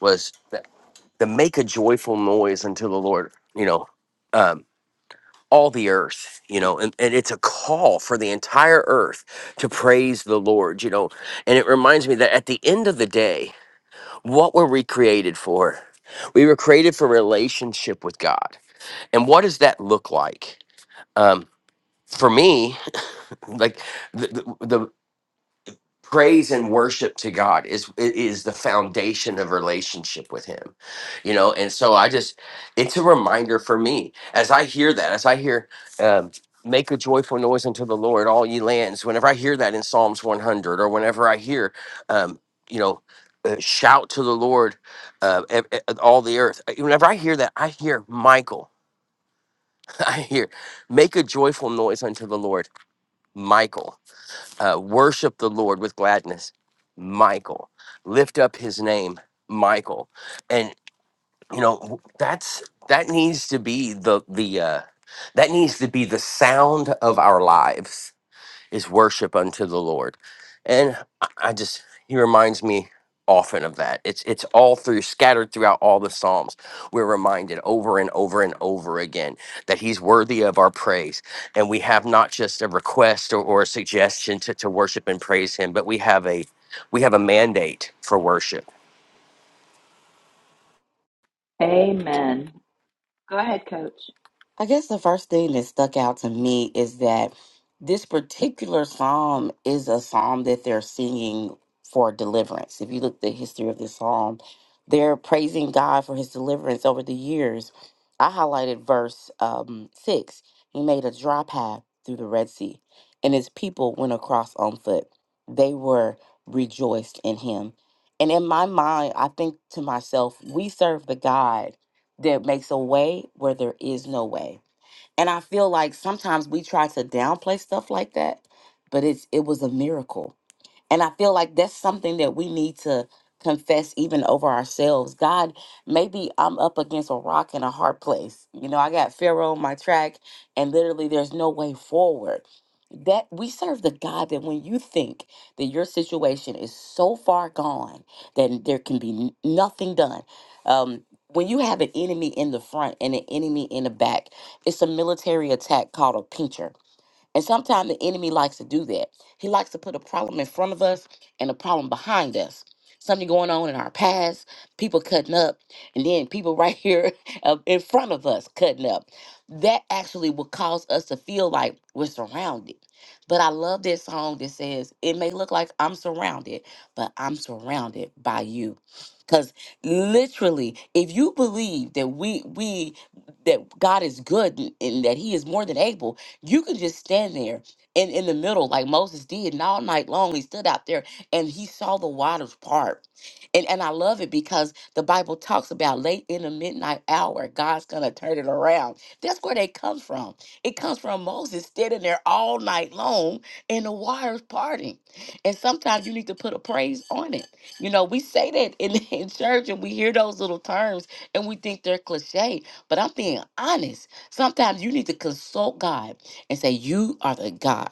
was that the make a joyful noise unto the lord you know um all the earth you know and, and it's a call for the entire earth to praise the lord you know and it reminds me that at the end of the day what were we created for we were created for relationship with god and what does that look like? Um, for me, like the, the, the praise and worship to God is is the foundation of relationship with Him, you know. And so I just, it's a reminder for me as I hear that, as I hear, um, make a joyful noise unto the Lord, all ye lands. Whenever I hear that in Psalms 100, or whenever I hear, um, you know. Uh, shout to the Lord, uh, ev- ev- all the earth. Whenever I hear that, I hear Michael. I hear, make a joyful noise unto the Lord, Michael. Uh, worship the Lord with gladness, Michael. Lift up his name, Michael. And you know that's that needs to be the the uh, that needs to be the sound of our lives is worship unto the Lord. And I I just he reminds me often of that. It's it's all through scattered throughout all the Psalms. We're reminded over and over and over again that he's worthy of our praise. And we have not just a request or, or a suggestion to, to worship and praise him, but we have a we have a mandate for worship. Amen. Go ahead, coach. I guess the first thing that stuck out to me is that this particular psalm is a psalm that they're singing for deliverance. If you look at the history of this psalm, they're praising God for his deliverance over the years. I highlighted verse um, six. He made a dry path through the Red Sea, and his people went across on foot. They were rejoiced in him. And in my mind, I think to myself, we serve the God that makes a way where there is no way and I feel like sometimes we try to downplay stuff like that, but it's it was a miracle and I feel like that's something that we need to confess even over ourselves. God, maybe I'm up against a rock and a hard place. You know, I got Pharaoh on my track and literally there's no way forward. That we serve the God that when you think that your situation is so far gone that there can be n- nothing done. Um when you have an enemy in the front and an enemy in the back, it's a military attack called a pincher and sometimes the enemy likes to do that. He likes to put a problem in front of us and a problem behind us. Something going on in our past, people cutting up, and then people right here uh, in front of us cutting up. That actually will cause us to feel like we're surrounded. But I love this song that says, It may look like I'm surrounded, but I'm surrounded by you. Because literally, if you believe that we we that God is good and and that He is more than able, you could just stand there and in the middle, like Moses did, and all night long he stood out there and he saw the waters part. And and I love it because the Bible talks about late in the midnight hour, God's gonna turn it around. That's where they comes from. It comes from Moses standing there all night long and the waters parting. And sometimes you need to put a praise on it. You know, we say that in, in church and we hear those little terms and we think they're cliche, but I'm being honest. Sometimes you need to consult God and say, You are the God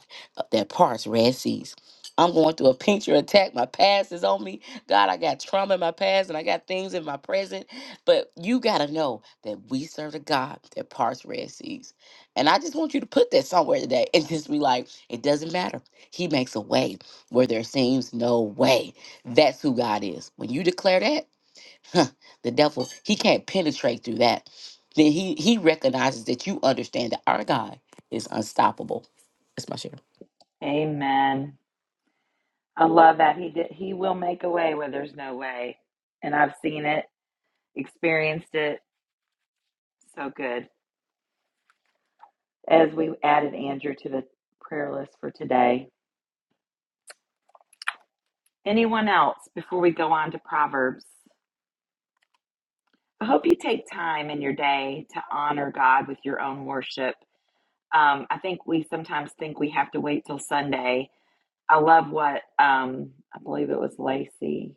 that parts Red Seas. I'm going through a pincher attack. My past is on me. God, I got trauma in my past and I got things in my present. But you got to know that we serve a God that parts Red Seas. And I just want you to put that somewhere today and just be like, it doesn't matter. He makes a way where there seems no way. That's who God is. When you declare that, Huh? the devil, he can't penetrate through that. Then he he recognizes that you understand that our God is unstoppable. That's my share. Amen. I love that. He did he will make a way where there's no way. And I've seen it, experienced it. So good. as we added Andrew to the prayer list for today. Anyone else before we go on to Proverbs? I hope you take time in your day to honor God with your own worship. Um, I think we sometimes think we have to wait till Sunday. I love what um, I believe it was Lacey.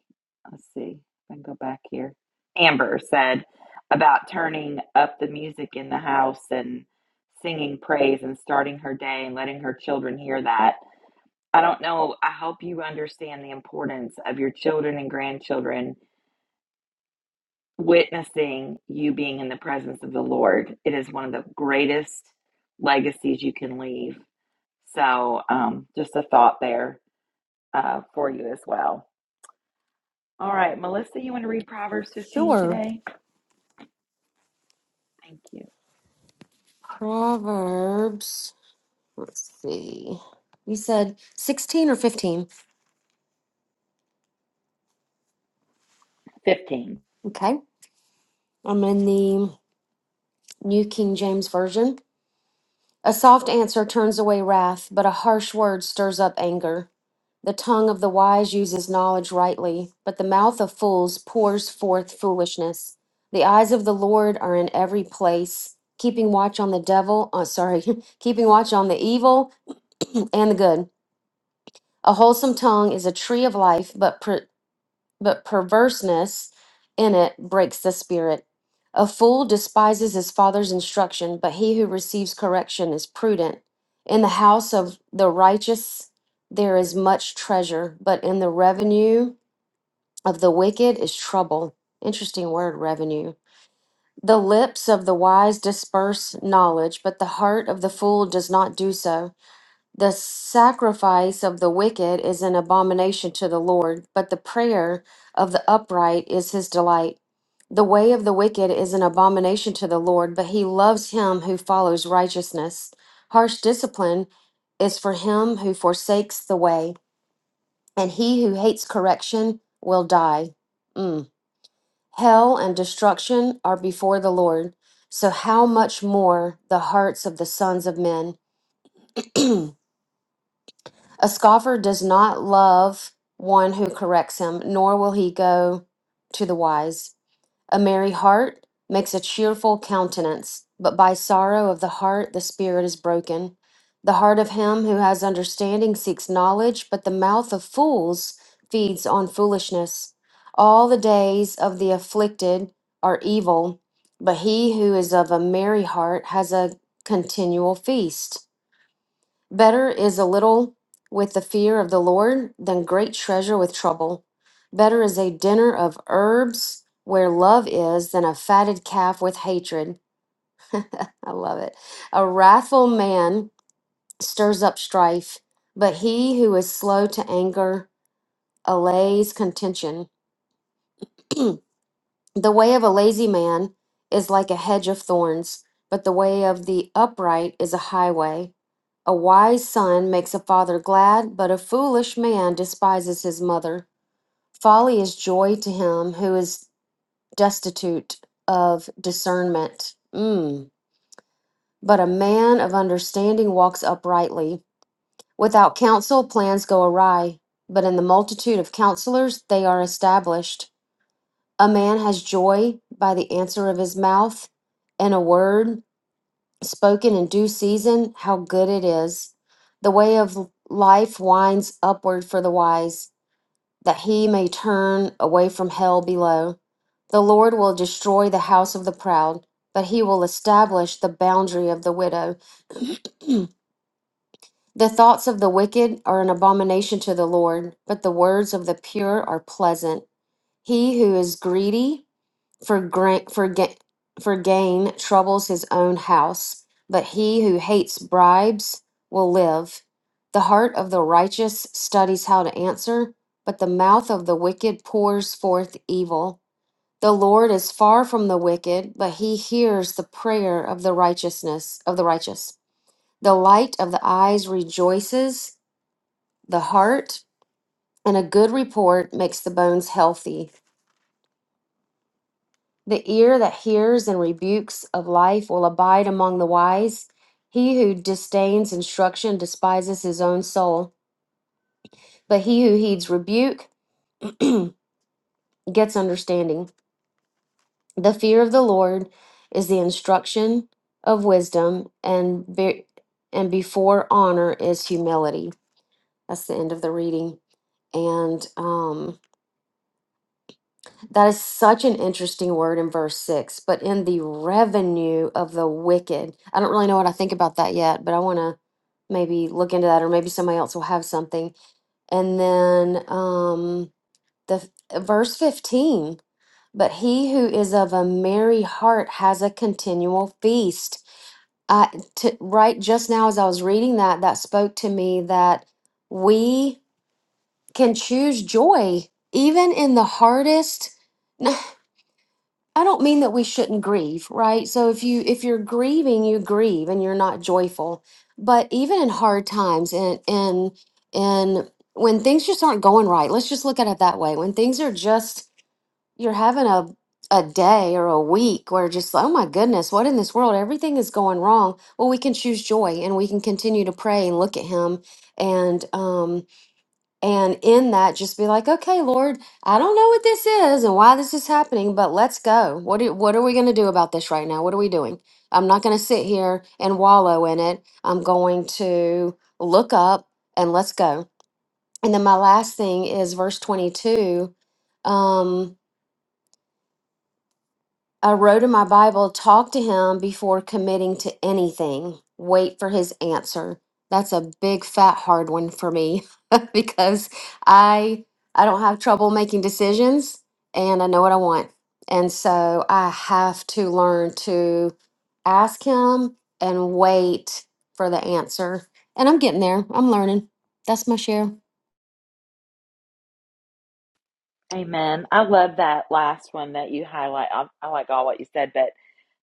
Let's see, if I can go back here. Amber said about turning up the music in the house and singing praise and starting her day and letting her children hear that I don't know. I hope you understand the importance of your children and grandchildren witnessing you being in the presence of the Lord. It is one of the greatest legacies you can leave. So, um, just a thought there uh, for you as well. All right, Melissa, you want to read Proverbs 15 sure today? Thank you. proverbs let's see you said 16 or 15 15. okay i'm in the new king james version A soft answer turns away wrath, but a harsh word stirs up anger. The tongue of the wise uses knowledge rightly, but the mouth of fools pours forth foolishness. The eyes of the Lord are in every place, keeping watch on the devil, uh, sorry, keeping watch on the evil and the good. A wholesome tongue is a tree of life, but pre- but perverseness in it breaks the spirit. A fool despises his father's instruction, but he who receives correction is prudent. In the house of the righteous there is much treasure, but in the revenue of the wicked is trouble. Interesting word, revenue. The lips of the wise disperse knowledge, but the heart of the fool does not do so. The sacrifice of the wicked is an abomination to the Lord, but the prayer of the upright is his delight. The way of the wicked is an abomination to the Lord, but he loves him who follows righteousness. Harsh discipline is for him who forsakes the way, and he who hates correction will die. Mm. Hell and destruction are before the Lord, so how much more the hearts of the sons of men? A scoffer does not love one who corrects him, nor will he go to the wise. A merry heart makes a cheerful countenance, but by sorrow of the heart the spirit is broken. The heart of him who has understanding seeks knowledge, but the mouth of fools feeds on foolishness. All the days of the afflicted are evil, but he who is of a merry heart has a continual feast. Better is a little with the fear of the Lord than great treasure with trouble. Better is a dinner of herbs where love is than a fatted calf with hatred. I love it. A wrathful man stirs up strife, but he who is slow to anger allays contention. The way of a lazy man is like a hedge of thorns, but the way of the upright is a highway. A wise son makes a father glad, but a foolish man despises his mother. Folly is joy to him who is destitute of discernment. Mm. But a man of understanding walks uprightly. Without counsel, plans go awry, but in the multitude of counselors, they are established. A man has joy by the answer of his mouth, and a word spoken in due season, how good it is. The way of life winds upward for the wise, that he may turn away from hell below. The Lord will destroy the house of the proud, but he will establish the boundary of the widow. the thoughts of the wicked are an abomination to the Lord, but the words of the pure are pleasant. He who is greedy, for grant for ga- for gain troubles his own house, but he who hates bribes will live. The heart of the righteous studies how to answer, but the mouth of the wicked pours forth evil. The Lord is far from the wicked, but he hears the prayer of the righteousness of the righteous. The light of the eyes rejoices the heart, and a good report makes the bones healthy. The ear that hears and rebukes of life will abide among the wise. He who disdains instruction despises his own soul, but he who heeds rebuke gets understanding. The fear of the Lord is the instruction of wisdom, and be, and before honor is humility. That's the end of the reading. And um, That is such an interesting word in verse six, but in the revenue of the wicked. I don't really know what I think about that yet, but I want to maybe look into that, or maybe somebody else will have something. And then um, the f- uh, verse 15 but he who is of a merry heart has a continual feast. I, to, right just now, as I was reading that, that spoke to me that we can choose joy even in the hardest. I don't mean that we shouldn't grieve, right? So if you if you're grieving, you grieve and you're not joyful. But even in hard times and and and when things just aren't going right, let's just look at it that way. When things are just you're having a a day or a week where just oh my goodness, what in this world? Everything is going wrong. Well, we can choose joy and we can continue to pray and look at him and um and in that, just be like, okay, Lord, I don't know what this is and why this is happening, but let's go. What do, what are we going to do about this right now? What are we doing? I'm not going to sit here and wallow in it. I'm going to look up and let's go. And then my last thing is verse 22. Um, I wrote in my Bible, talk to him before committing to anything. Wait for his answer. That's a big fat hard one for me because I I don't have trouble making decisions and I know what I want. And so I have to learn to ask him and wait for the answer. And I'm getting there. I'm learning. That's my share. Amen. I love that last one that you highlight. I, I like all what you said, but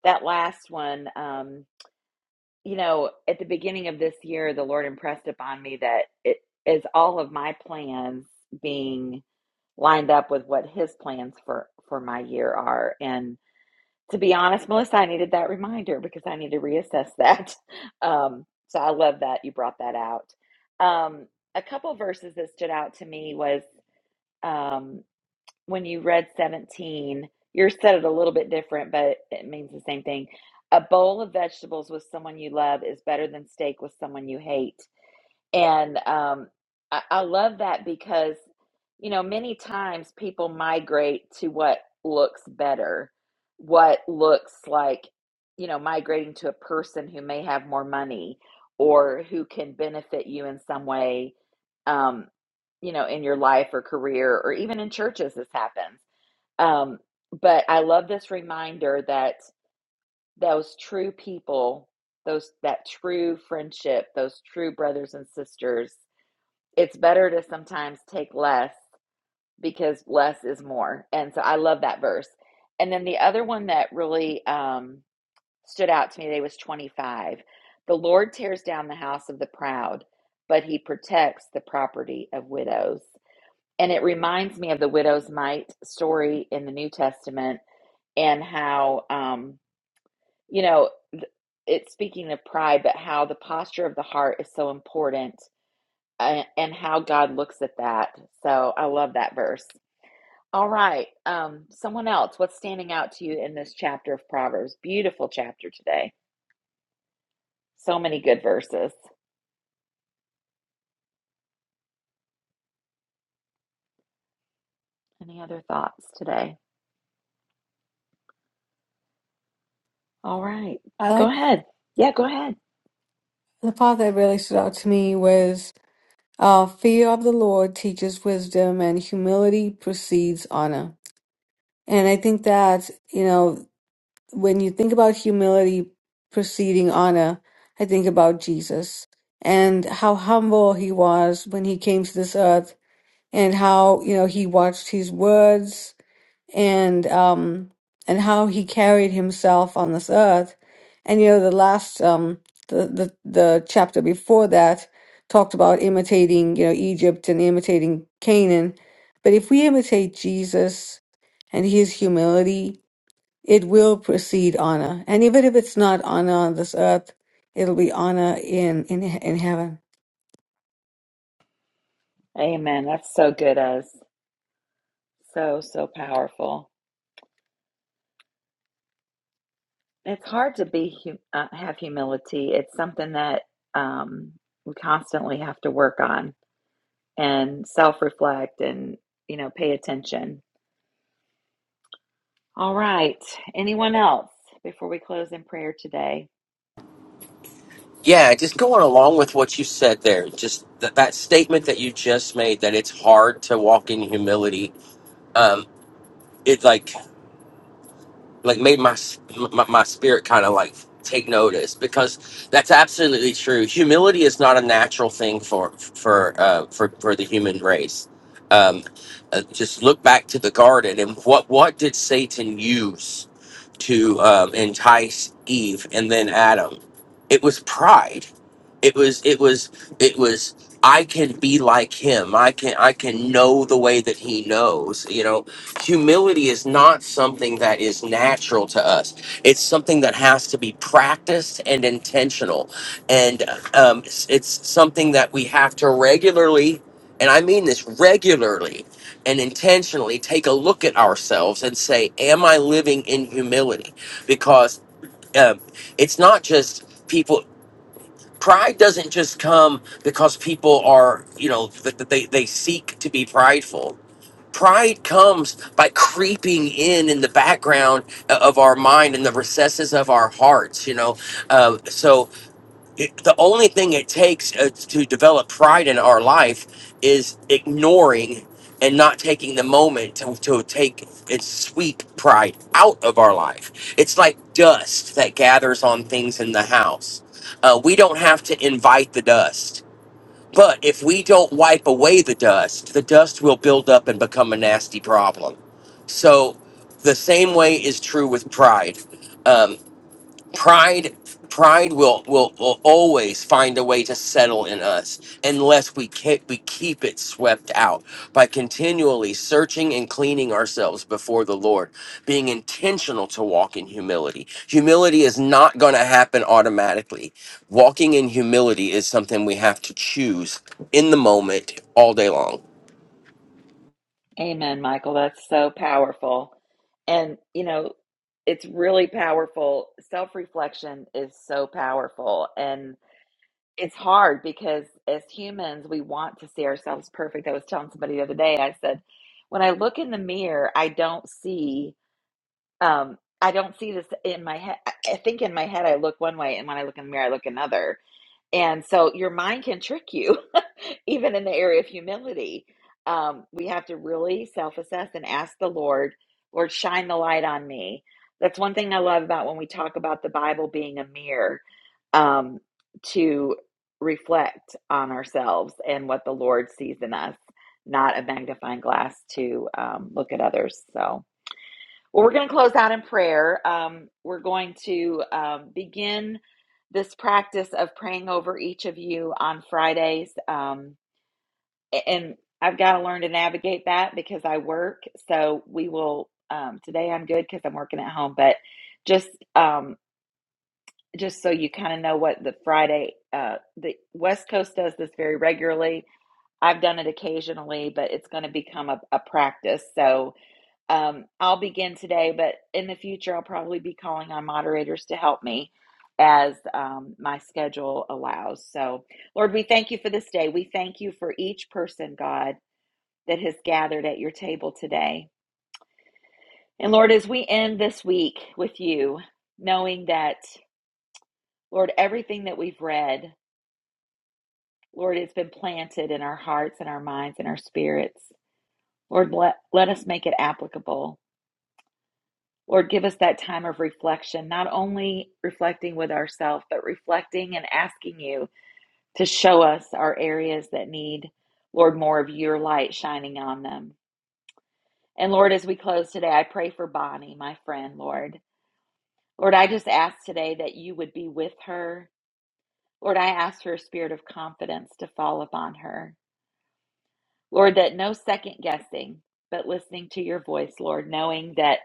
that last one. Um, you know, at the beginning of this year, the Lord impressed upon me that it is all of my plans being lined up with what His plans for for my year are. And to be honest, Melissa, I needed that reminder because I need to reassess that. Um, so I love that you brought that out. Um, a couple verses that stood out to me was um, when you read 17, yours said it a little bit different, but it means the same thing. A bowl of vegetables with someone you love is better than steak with someone you hate. And um, I, I love that because, you know, many times people migrate to what looks better, what looks like, you know, migrating to a person who may have more money or who can benefit you in some way, um, you know, in your life or career or even in churches, this happens. Um, but I love this reminder that those true people, those that true friendship, those true brothers and sisters it's better to sometimes take less because less is more. And so I love that verse. And then the other one that really um, stood out to me today was 25. The Lord tears down the house of the proud, but he protects the property of widows. And it reminds me of the widow's mite story in the New Testament and how, um, you know, it's speaking of pride, but how the posture of the heart is so important a- and how God looks at that. So I love that verse. All right. Um, someone else, what's standing out to you in this chapter of Proverbs? Beautiful chapter today. So many good verses. Any other thoughts today? All right. I Go like ahead. Yeah, go ahead. the part that really stood out to me was uh, fear of the Lord teaches wisdom and humility precedes honor. And I think that, you know, when you think about humility preceding honor, I think about Jesus and how humble he was when he came to this earth and how, you know, he watched his words and um and how he carried himself on this earth and you know the last um the the, the chapter before that talked about imitating you know egypt and imitating canaan but if we imitate jesus and his humility it will precede honor and even if it's not honor on this earth it'll be honor in in, in heaven Amen. That's so good, us. So, so powerful. It's hard to be hu- uh, have humility. It's something that um, we constantly have to work on and self reflect and, you know, pay attention All right. Anyone else before we close in prayer today? Yeah, just going along with what you said there, just th- that statement that you just made that it's hard to walk in humility. Um, it like like made my s- my, my spirit kind of like take notice because that's absolutely true. Humility is not a natural thing for for uh, for for the human race. Um, uh, just look back to the garden and what what did Satan use to um, entice Eve and then Adam? It was pride. It was it was it was I can be like him. I can I can know the way that he knows. You know, humility is not something that is natural to us it's something that has to be practiced and intentional and um, it's, it's something that we have to regularly and i mean this regularly and intentionally take a look at ourselves and say am i living in humility because um, it's not just people pride doesn't just come because people are you know that that they, they seek to be prideful Pride comes by creeping in in the background uh, of our mind and the recesses of our hearts, you know. Uh, so it, the only thing it takes uh, to develop pride in our life is ignoring and not taking the moment to, to take and sweep pride out of our life. It's like dust that gathers on things in the house. Uh, we don't have to invite the dust but if we don't wipe away the dust, the dust will build up and become a nasty problem. So the same way is true with pride. Um, pride pride will, will will always find a way to settle in us unless we keep we keep it swept out by continually searching and cleaning ourselves before the lord being intentional to walk in humility humility is not going to happen automatically walking in humility is something we have to choose in the moment all day long Amen, Michael. That's so powerful. And, you know, it's really powerful. Self reflection is so powerful. And it's hard because as humans, we want to see ourselves perfect. I was telling somebody the other day, I said, when I look in the mirror, I don't see, um, I don't see this in my head. I I think in my head, I look one way, and when I look in the mirror, I look another. And so your mind can trick you, even in the area of humility. Um, we have to really self assess and ask the Lord, Lord, shine the light on me. That's one thing I love about when we talk about the Bible being a mirror um, to reflect on ourselves and what the Lord sees in us, not a magnifying glass to um, look at others. So, well, we're going to close out in prayer. Um, we're going to um, begin this practice of praying over each of you on Fridays. Um, and I've got to learn to navigate that because I work. So we will, um, today I'm good because I'm working at home, but just, um, just so you kind of know what the Friday, uh, the West Coast does this very regularly. I've done it occasionally, but it's going to become a, a practice. So, um, I'll begin today, but in the future, I'll probably be calling on moderators to help me as um, my schedule allows. So, Lord, we thank you for this day. We thank you for each person, God, that has gathered at your table today. And Lord, as we end this week with you, knowing that, Lord, everything that we've read, Lord, it's been planted in our hearts and our minds and our spirits. Lord, let, let us make it applicable. Lord, give us that time of reflection, not only reflecting with ourselves, but reflecting and asking you to show us our areas that need, Lord, more of your light shining on them. And Lord, as we close today, I pray for Bonnie, my friend, Lord. Lord, I just ask today that you would be with her. Lord, I ask for a spirit of confidence to fall upon her. Lord, that no second guessing, but listening to your voice, Lord, knowing that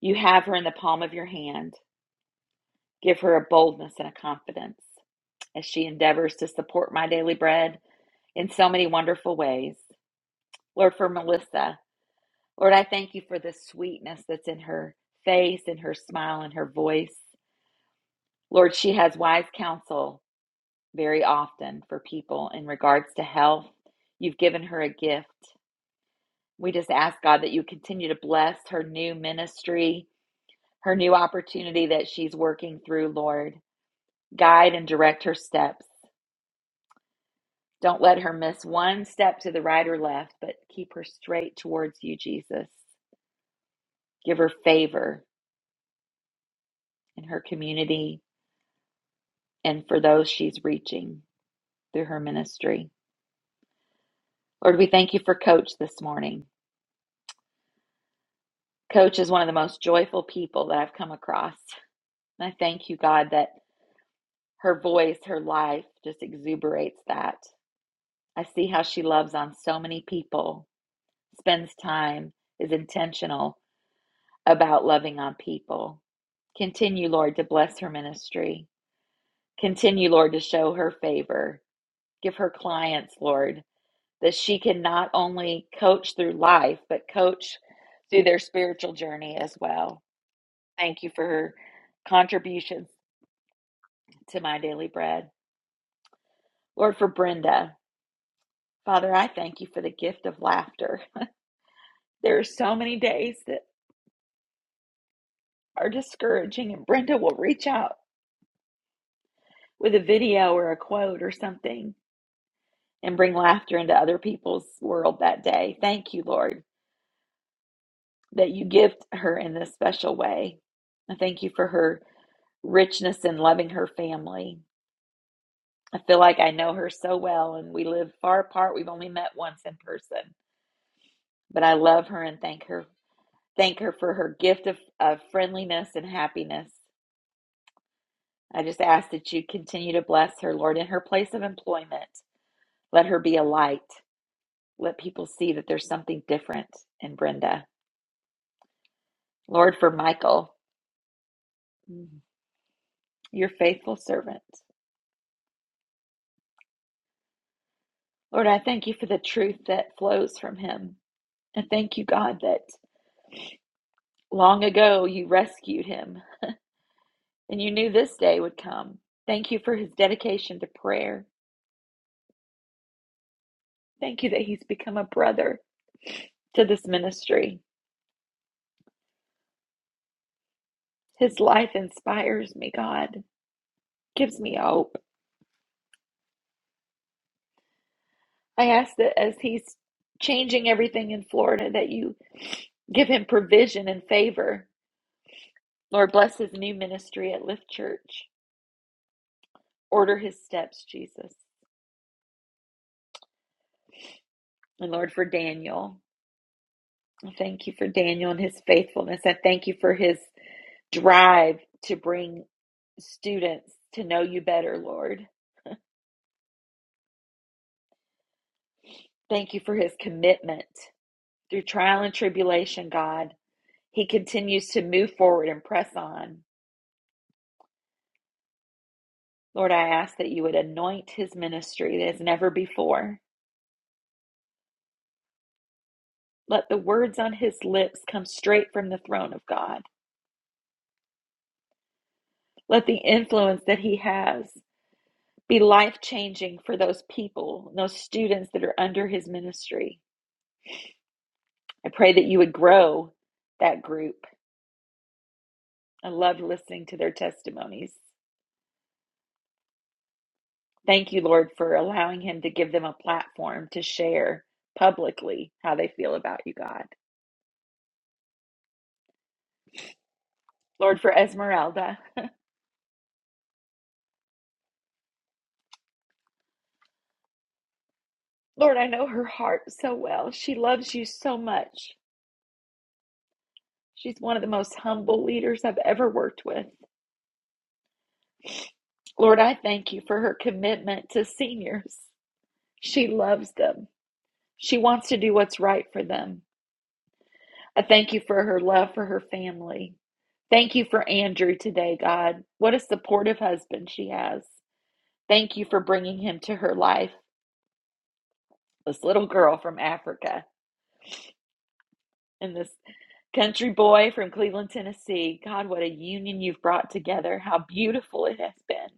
you have her in the palm of your hand. Give her a boldness and a confidence. as she endeavors to support my daily bread in so many wonderful ways. Lord, for Melissa, Lord, I thank you for the sweetness that's in her face, in her smile, in her voice. Lord, she has wise counsel very often for people in regards to health. You've given her a gift. We just ask, God, that you continue to bless her new ministry, her new opportunity that she's working through, Lord. Guide and direct her steps. Don't let her miss one step to the right or left, but keep her straight towards you, Jesus. Give her favor in her community and for those she's reaching through her ministry. Lord, we thank you for Coach this morning. Coach is one of the most joyful people that I've come across. And I thank you, God, that her voice, her life just exuberates that. I see how she loves on so many people, spends time, is intentional, about loving on people. Continue, Lord, to bless her ministry. Continue, Lord, to show her favor. Give her clients, Lord, that she can not only coach through life, but coach through their spiritual journey as well. Thank you for her contributions to my daily bread. Lord, for Brenda, Father, I thank you for the gift of laughter. There are so many days that are discouraging, and Brenda will reach out with a video or a quote or something and bring laughter into other people's world that day. Thank you, Lord, that you gift her in this special way. I thank you for her richness in loving her family. I feel like I know her so well and we live far apart. We've only met once in person, but I love her and thank her thank her for her gift of, of friendliness and happiness. I just ask that you continue to bless her, Lord, in her place of employment. Let her be a light. Let people see that there's something different in Brenda. Lord, for Michael. Mm. Your faithful servant. Lord, I thank you for the truth that flows from him. And thank you, God, that long ago you rescued him and you knew this day would come. Thank you for his dedication to prayer. Thank you that he's become a brother to this ministry. His life inspires me, God, gives me hope. I ask that as he's changing everything in Florida, that you give him provision and favor. Lord, bless his new ministry at Lift Church. Order his steps, Jesus. And Lord, for Daniel, I thank you for Daniel and his faithfulness. I thank you for his drive to bring students to know you better, Lord. Thank you for his commitment through trial and tribulation, God. He continues to move forward and press on. Lord, I ask that you would anoint his ministry as never before. Let the words on his lips come straight from the throne of God. Let the influence that he has be life changing for those people, those students that are under his ministry. I pray that you would grow that group. I love listening to their testimonies. Thank you, Lord, for allowing him to give them a platform to share publicly how they feel about you, God. Lord, for Esmeralda, Lord, I know her heart so well. She loves you so much. She's one of the most humble leaders I've ever worked with. Lord, I thank you for her commitment to seniors. She loves them. She wants to do what's right for them. I thank you for her love for her family. Thank you for Andrew today, God. What a supportive husband she has. Thank you for bringing him to her life, this little girl from Africa and this country boy from Cleveland, Tennessee. God, what a union you've brought together. How beautiful it has been.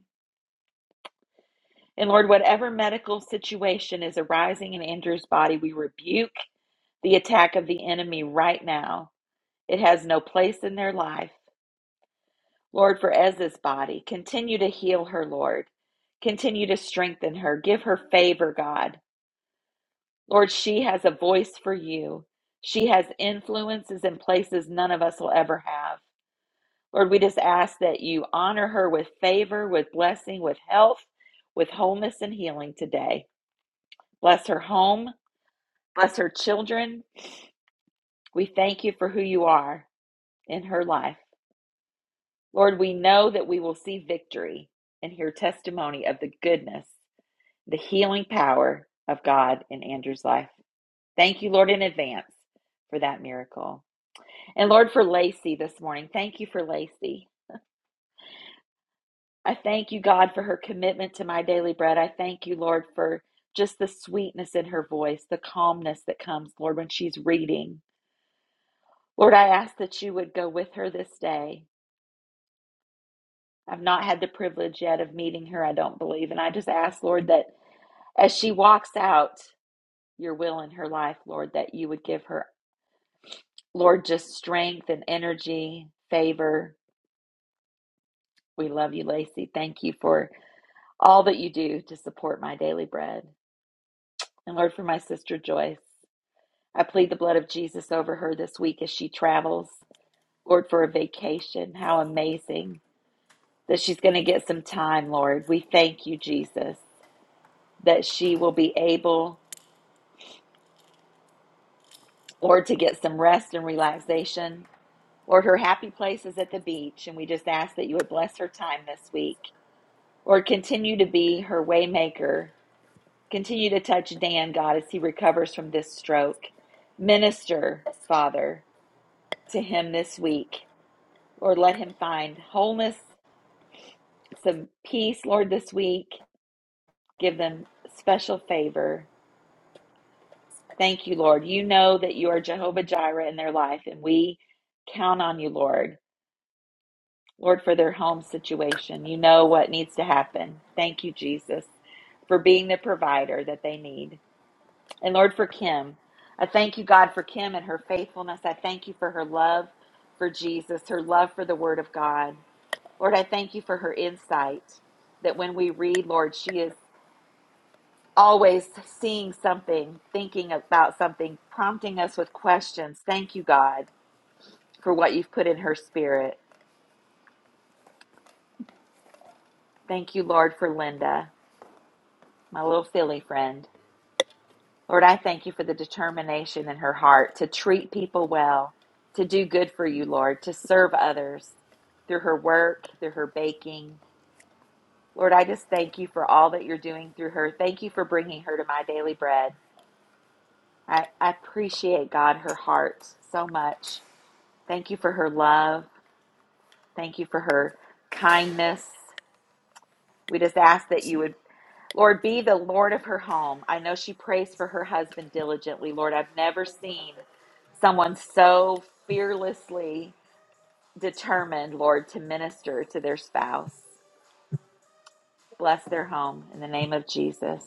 And Lord, whatever medical situation is arising in Andrew's body, we rebuke the attack of the enemy right now. It has no place in their life. Lord, for Ez's body, continue to heal her, Lord. Continue to strengthen her. Give her favor, God. Lord, she has a voice for you. She has influences in places none of us will ever have. Lord, we just ask that you honor her with favor, with blessing, with health, with wholeness and healing today. Bless her home. Bless her children. We thank you for who you are in her life. Lord, we know that we will see victory and hear testimony of the goodness the healing power of God in Andrew's life. Thank you, Lord, in advance for that miracle. And Lord, for Lacey this morning, thank you for Lacey. I thank you, God, for her commitment to my daily bread. I thank you, Lord, for just the sweetness in her voice, the calmness that comes, Lord, when she's reading. Lord, I ask that you would go with her this day. I've not had the privilege yet of meeting her, I don't believe. And I just ask, Lord, that as she walks out your will in her life, Lord, that you would give her Lord, just strength and energy, favor. We love you, Lacey. Thank you for all that you do to support my daily bread. And Lord, for my sister Joyce, I plead the blood of Jesus over her this week as she travels. Lord, for a vacation. How amazing that she's going to get some time, Lord. We thank you, Jesus, that she will be able, Lord, to get some rest and relaxation. Lord, her happy place is at the beach, and we just ask that you would bless her time this week. Lord, continue to be her waymaker. Continue to touch Dan, God, as he recovers from this stroke. Minister, Father, to him this week. Lord, let him find wholeness, some peace, Lord, this week. Give them special favor. Thank you, Lord. You know that you are Jehovah Jireh in their life, and we count on you, Lord. Lord, for their home situation. You know what needs to happen. Thank you, Jesus, for being the provider that they need. And Lord, for Kim, I thank you, God, for Kim and her faithfulness. I thank you for her love for Jesus, her love for the Word of God. Lord, I thank you for her insight that when we read, Lord, she is always seeing something, thinking about something, prompting us with questions. Thank you, God, for what you've put in her spirit. Thank you, Lord, for Linda, my little silly friend. Lord, I thank you for the determination in her heart to treat people well, to do good for you, Lord, to serve others through her work, through her baking. Lord, I just thank you for all that you're doing through her. Thank you for bringing her to my daily bread. I, I appreciate, God, her heart so much. Thank you for her love. Thank you for her kindness. We just ask that you would, Lord, be the Lord of her home. I know she prays for her husband diligently. Lord, I've never seen someone so fearlessly determined, Lord, to minister to their spouse. Bless their home in the name of Jesus.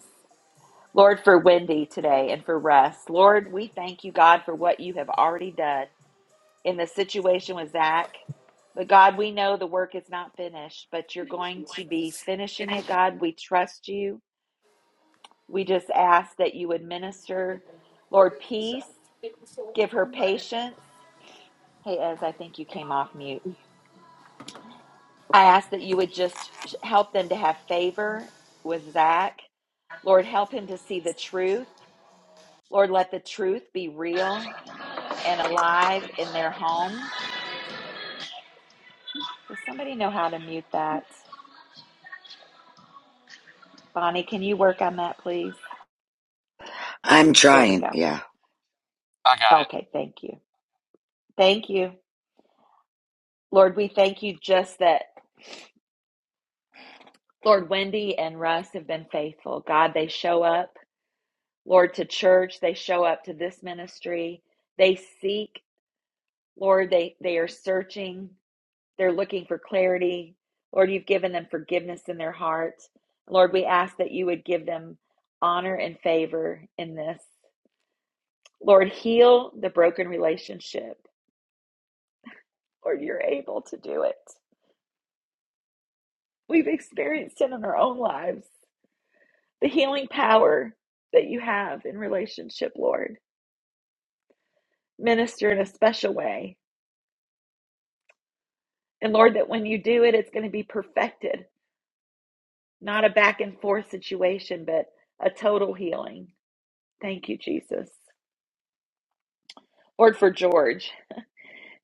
Lord, for Wendy today and for Russ. Lord, we thank you, God, for what you have already done in the situation with Zach. But God, we know the work is not finished, but you're going to be finishing it, God. We trust you. We just ask that you would minister, Lord, peace, give her patience. Hey, Ez, I think you came off mute. I ask that you would just help them to have favor with Zach. Lord, help him to see the truth. Lord, let the truth be real and alive in their home. Does somebody know how to mute that? Bonnie, can you work on that, please? I'm There we trying, go. yeah. Okay, thank you. Thank you. Lord, we thank you just that. Lord, Wendy and Russ have been faithful. God, they show up, Lord, to church. They show up to this ministry. They seek, Lord, they, they are searching. They're looking for clarity. Lord, you've given them forgiveness in their hearts. Lord, we ask that you would give them honor and favor in this. Lord, heal the broken relationship. Lord, you're able to do it. We've experienced it in our own lives, the healing power that you have in relationship, Lord. minister in a special way. And Lord, that when you do it, it's going to be perfected, not a back and forth situation, but a total healing. Thank you, Jesus. Lord, for George.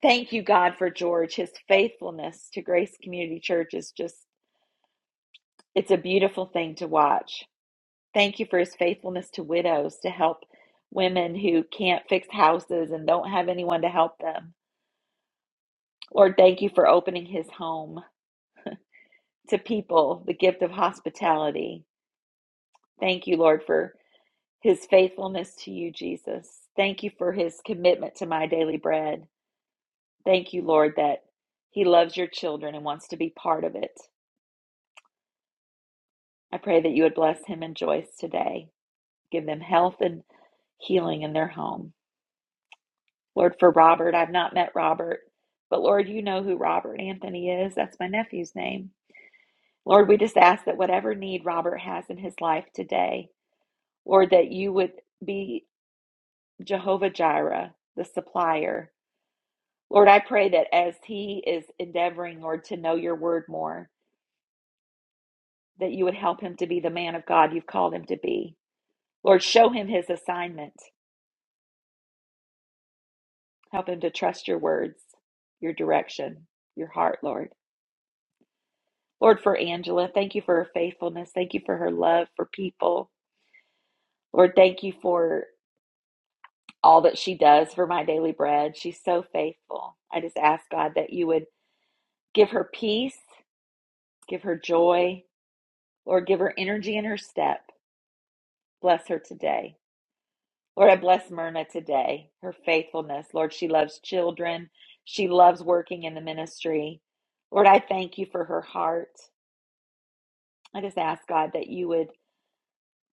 Thank you, God, for George. His faithfulness to Grace Community Church is just, it's a beautiful thing to watch. Thank you for his faithfulness to widows to help women who can't fix houses and don't have anyone to help them. Lord, thank you for opening his home to people, the gift of hospitality. Thank you, Lord, for his faithfulness to you, Jesus. Thank you for his commitment to my daily bread. Thank you, Lord, that he loves your children and wants to be part of it. I pray that you would bless him and Joyce today. Give them health and healing in their home. Lord, for Robert, I've not met Robert, but Lord, you know who Robert Anthony is. That's my nephew's name. Lord, we just ask that whatever need Robert has in his life today, Lord, that you would be Jehovah Jireh, the supplier, Lord, I pray that as he is endeavoring, Lord, to know your word more, that you would help him to be the man of God you've called him to be. Lord, show him his assignment. Help him to trust your words, your direction, your heart, Lord. Lord, for Angela, thank you for her faithfulness. Thank you for her love for people. Lord, thank you for all that she does for my daily bread. She's so faithful. I just ask God that you would give her peace, give her joy, Lord, give her energy in her step. Bless her today. Lord, I bless Myrna today, her faithfulness. Lord, she loves children. She loves working in the ministry. Lord, I thank you for her heart. I just ask God that you would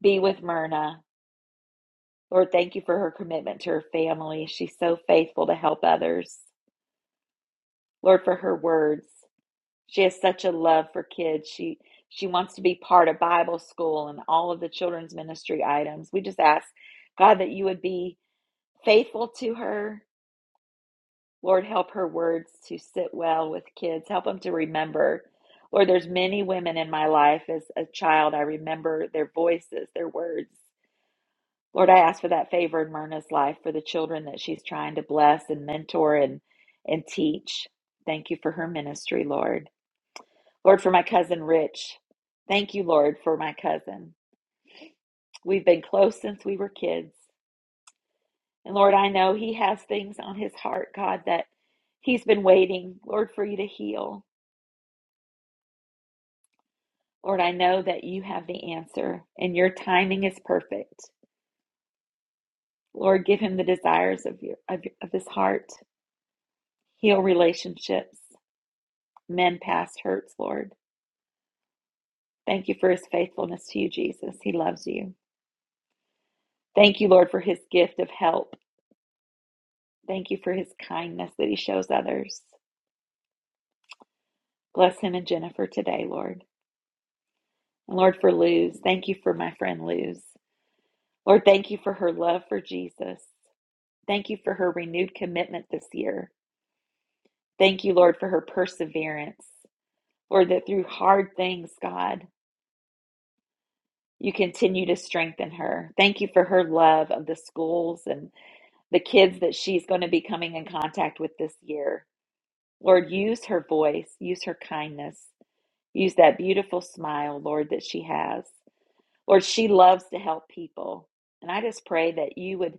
be with Myrna. Lord, thank you for her commitment to her family. She's so faithful to help others. Lord, for her words. She has such a love for kids. She she wants to be part of Bible school and all of the children's ministry items. We just ask God that you would be faithful to her, Lord, help her words to sit well with kids. Help them to remember. Lord, there's many women in my life as a child. I remember their voices, their words. Lord, I ask for that favor in Myrna's life for the children that she's trying to bless and mentor and, and teach. Thank you for her ministry, Lord. Lord, for my cousin Rich. Thank you, Lord, for my cousin. We've been close since we were kids. And Lord, I know he has things on his heart, God, that he's been waiting, Lord, for you to heal. Lord, I know that you have the answer and your timing is perfect. Lord, give him the desires of your of, of his heart. Heal relationships, mend past hurts, Lord. Thank you for his faithfulness to you, Jesus. He loves you. Thank you, Lord, for his gift of help. Thank you for his kindness that he shows others. Bless him and Jennifer today, Lord. And Lord, for Luz, thank you for my friend Luz. Lord, thank you for her love for Jesus. Thank you for her renewed commitment this year. Thank you, Lord, for her perseverance. Lord, that through hard things, God, you continue to strengthen her. Thank you for her love of the schools and the kids that she's going to be coming in contact with this year. Lord, use her voice, use her kindness, use that beautiful smile, Lord, that she has. Lord, she loves to help people. And I just pray that you would,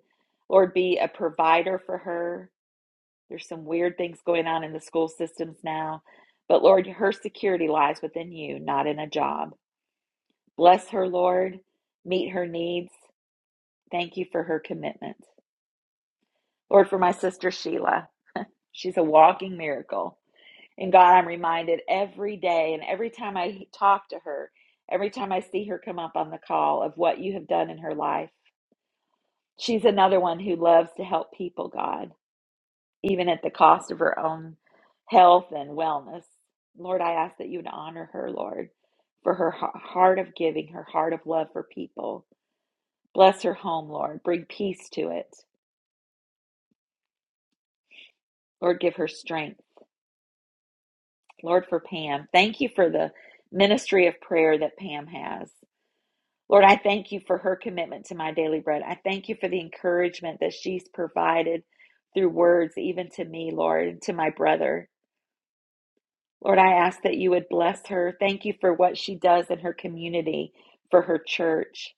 Lord, be a provider for her, There's some weird things going on in the school systems now. But Lord, her security lies within you, not in a job. Bless her, Lord. Meet her needs. Thank you for her commitment. Lord, for my sister Sheila, she's a walking miracle. And God, I'm reminded every day and every time I talk to her, every time I see her come up on the call of what you have done in her life. She's another one who loves to help people, God. even at the cost of her own health and wellness. Lord, I ask that you would honor her, Lord, for her heart of giving, her heart of love for people. Bless her home, Lord. Bring peace to it. Lord, give her strength. Lord, for Pam, thank you for the ministry of prayer that Pam has. Lord, I thank you for her commitment to my daily bread. I thank you for the encouragement that she's provided through words, even to me, Lord, and to my brother. Lord, I ask that you would bless her. Thank you for what she does in her community, for her church,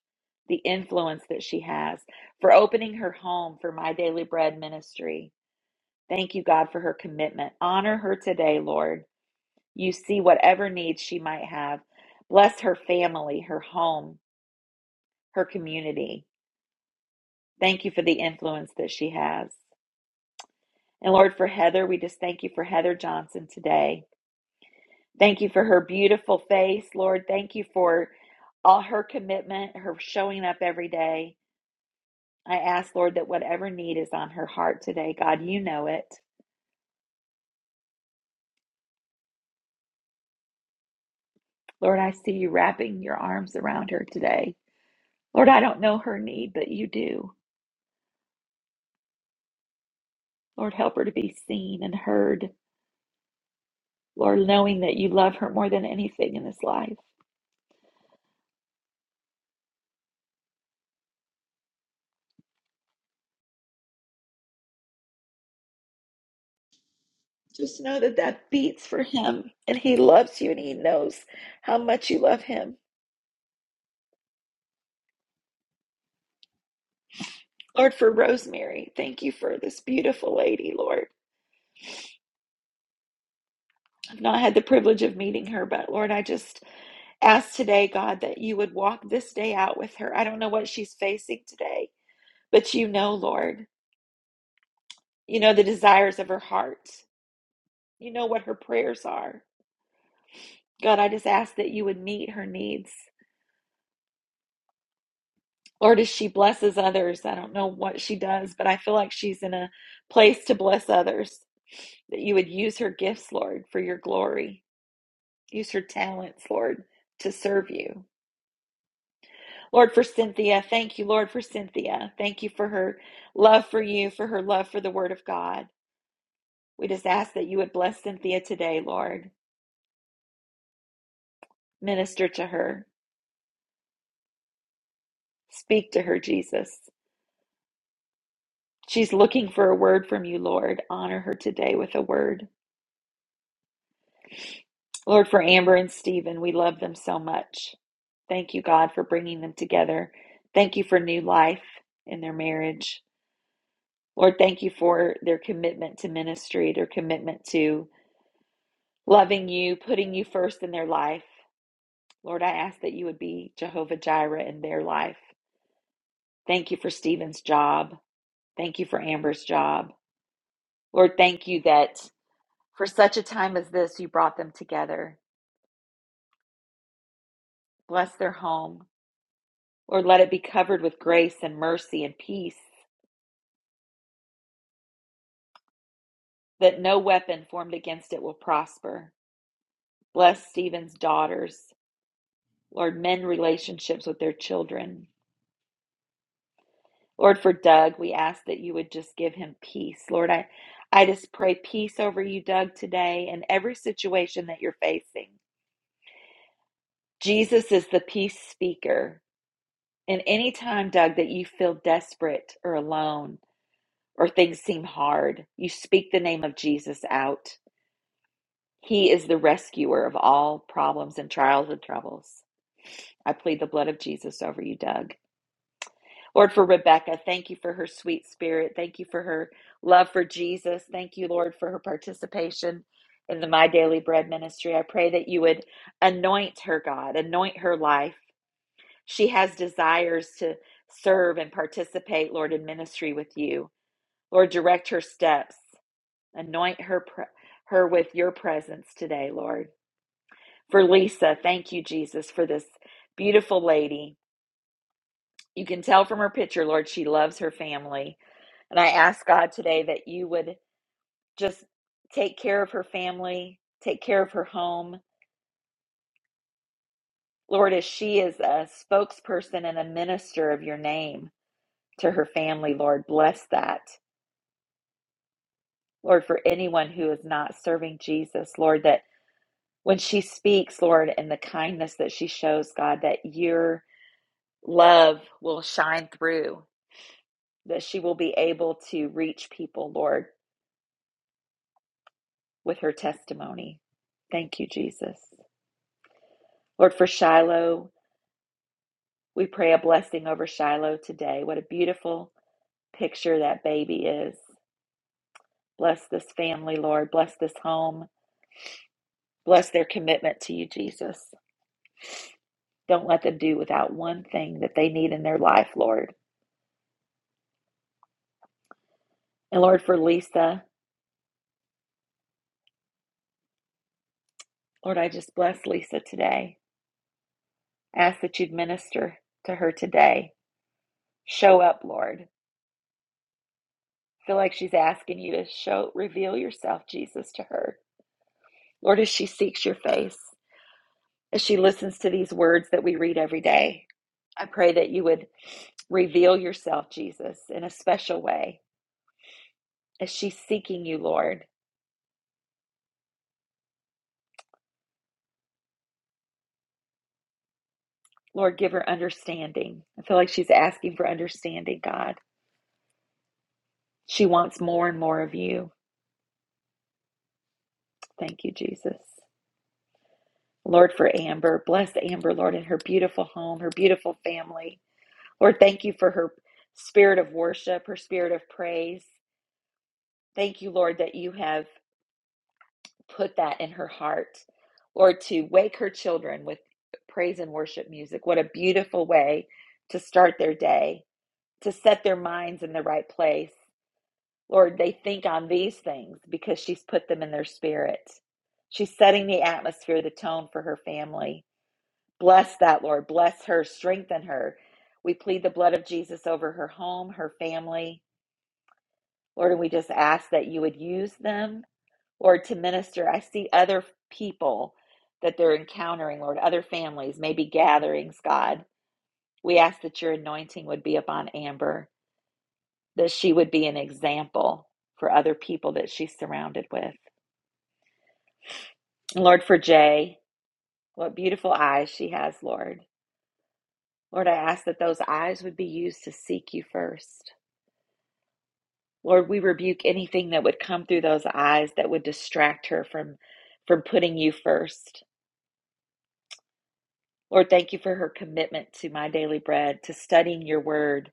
the influence that she has, for opening her home for My Daily Bread ministry. Thank you, God, for her commitment. Honor her today, Lord. You see whatever needs she might have. Bless her family, her home, her community. Thank you for the influence that she has. And Lord, for Heather, we just thank you for Heather Johnson today. Thank you for her beautiful face, Lord. Thank you for all her commitment, her showing up every day. I ask, Lord, that whatever need is on her heart today, God, you know it. Lord, I see you wrapping your arms around her today. Lord, I don't know her need, but you do. Lord, help her to be seen and heard. Lord, knowing that you love her more than anything in this life. Just know that that beats for him and he loves you and he knows how much you love him. Lord, for Rosemary, thank you for this beautiful lady, Lord. I've not had the privilege of meeting her, but Lord, I just ask today, God, that you would walk this day out with her. I don't know what she's facing today, but you know, Lord, you know the desires of her heart, you know what her prayers are. God, I just ask that you would meet her needs. Lord, as she blesses others, I don't know what she does, but I feel like she's in a place to bless others, that you would use her gifts, Lord, for your glory. Use her talents, Lord, to serve you. Lord, for Cynthia, thank you, Lord, for Cynthia. Thank you for her love for you, for her love for the Word of God. We just ask that you would bless Cynthia today, Lord. Minister to her, speak to her, Jesus. She's looking for a word from you, Lord. Honor her today with a word. Lord, for Amber and Stephen, we love them so much. Thank you, God, for bringing them together. Thank you for new life in their marriage. Lord, thank you for their commitment to ministry, their commitment to loving you, putting you first in their life. Lord, I ask that you would be Jehovah Jireh in their life. Thank you for Stephen's job. Thank you for Amber's job. Lord, thank you that for such a time as this, you brought them together. Bless their home. Lord, let it be covered with grace and mercy and peace, that no weapon formed against it will prosper. Bless Stephen's daughters. Lord, mend relationships with their children. Lord, for Doug, we ask that you would just give him peace. Lord, I, I just pray peace over you, Doug, today and every situation that you're facing. Jesus is the peace speaker. And any time, Doug, that you feel desperate or alone or things seem hard, you speak the name of Jesus out. He is the rescuer of all problems and trials and troubles. I plead the blood of Jesus over you, Doug. Lord, for Rebecca, thank you for her sweet spirit. Thank you for her love for Jesus. Thank you, Lord, for her participation in the My Daily Bread ministry. I pray that you would anoint her, God, anoint her life. She has desires to serve and participate, Lord, in ministry with you. Lord, direct her steps. Anoint her pre- her with your presence today, Lord. For Lisa, thank you, Jesus, for this beautiful lady. You can tell from her picture, Lord, she loves her family. And I ask God today that you would just take care of her family, take care of her home. Lord, as she is a spokesperson and a minister of your name to her family, Lord, bless that. Lord, for anyone who is not serving Jesus, Lord, that when she speaks, Lord, and the kindness that she shows, God, that your love will shine through, that she will be able to reach people, Lord, with her testimony. Thank you, Jesus. Lord, for Shiloh. We pray a blessing over Shiloh today. What a beautiful picture that baby is. Bless this family, Lord. Bless this home. Bless their commitment to you, Jesus. Don't let them do without one thing that they need in their life, Lord. And Lord, for Lisa, Lord, I just bless Lisa today. Ask that you'd minister to her today. Show up, Lord. Feel like she's asking you to show, reveal yourself, Jesus, to her. Lord, as she seeks your face, as she listens to these words that we read every day. I pray that you would reveal yourself, Jesus, in a special way as she's seeking you, Lord. Lord, give her understanding. I feel like she's asking for understanding, God. She wants more and more of you. Thank you, Jesus. Lord, for Amber. Bless Amber, Lord, in her beautiful home, her beautiful family. Lord, thank you for her spirit of worship, her spirit of praise. Thank you, Lord, that you have put that in her heart. Lord, to wake her children with praise and worship music. What a beautiful way to start their day, to set their minds in the right place. Lord, they think on these things because she's put them in their spirit. She's setting the atmosphere, the tone for her family. Bless that, Lord. Bless her. Strengthen her. We plead the blood of Jesus over her home, her family. Lord, and we just ask that you would use them Lord, to minister. I see other people that they're encountering, Lord, other families, maybe gatherings, God. We ask that your anointing would be upon Amber, that she would be an example for other people that she's surrounded with. And Lord, for Jay, what beautiful eyes she has, Lord. Lord, I ask that those eyes would be used to seek you first. Lord, we rebuke anything that would come through those eyes that would distract her from from putting you first. Lord, thank you for her commitment to my daily bread, to studying your word,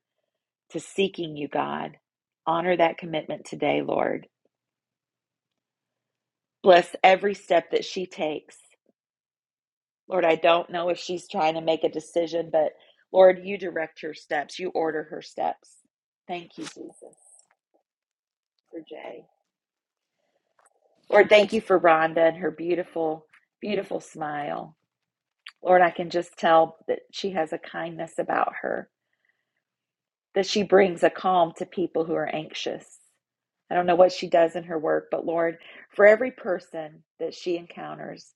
to seeking you, God. Honor that commitment today, Lord. Bless every step that she takes. Lord, I don't know if she's trying to make a decision, but Lord, you direct her steps, you order her steps. Thank you, Jesus, for Jay. Lord, thank you for Rhonda and her beautiful, beautiful smile. Lord, I can just tell that she has a kindness about her, that she brings a calm to people who are anxious. I don't know what she does in her work, but Lord, for every person that she encounters,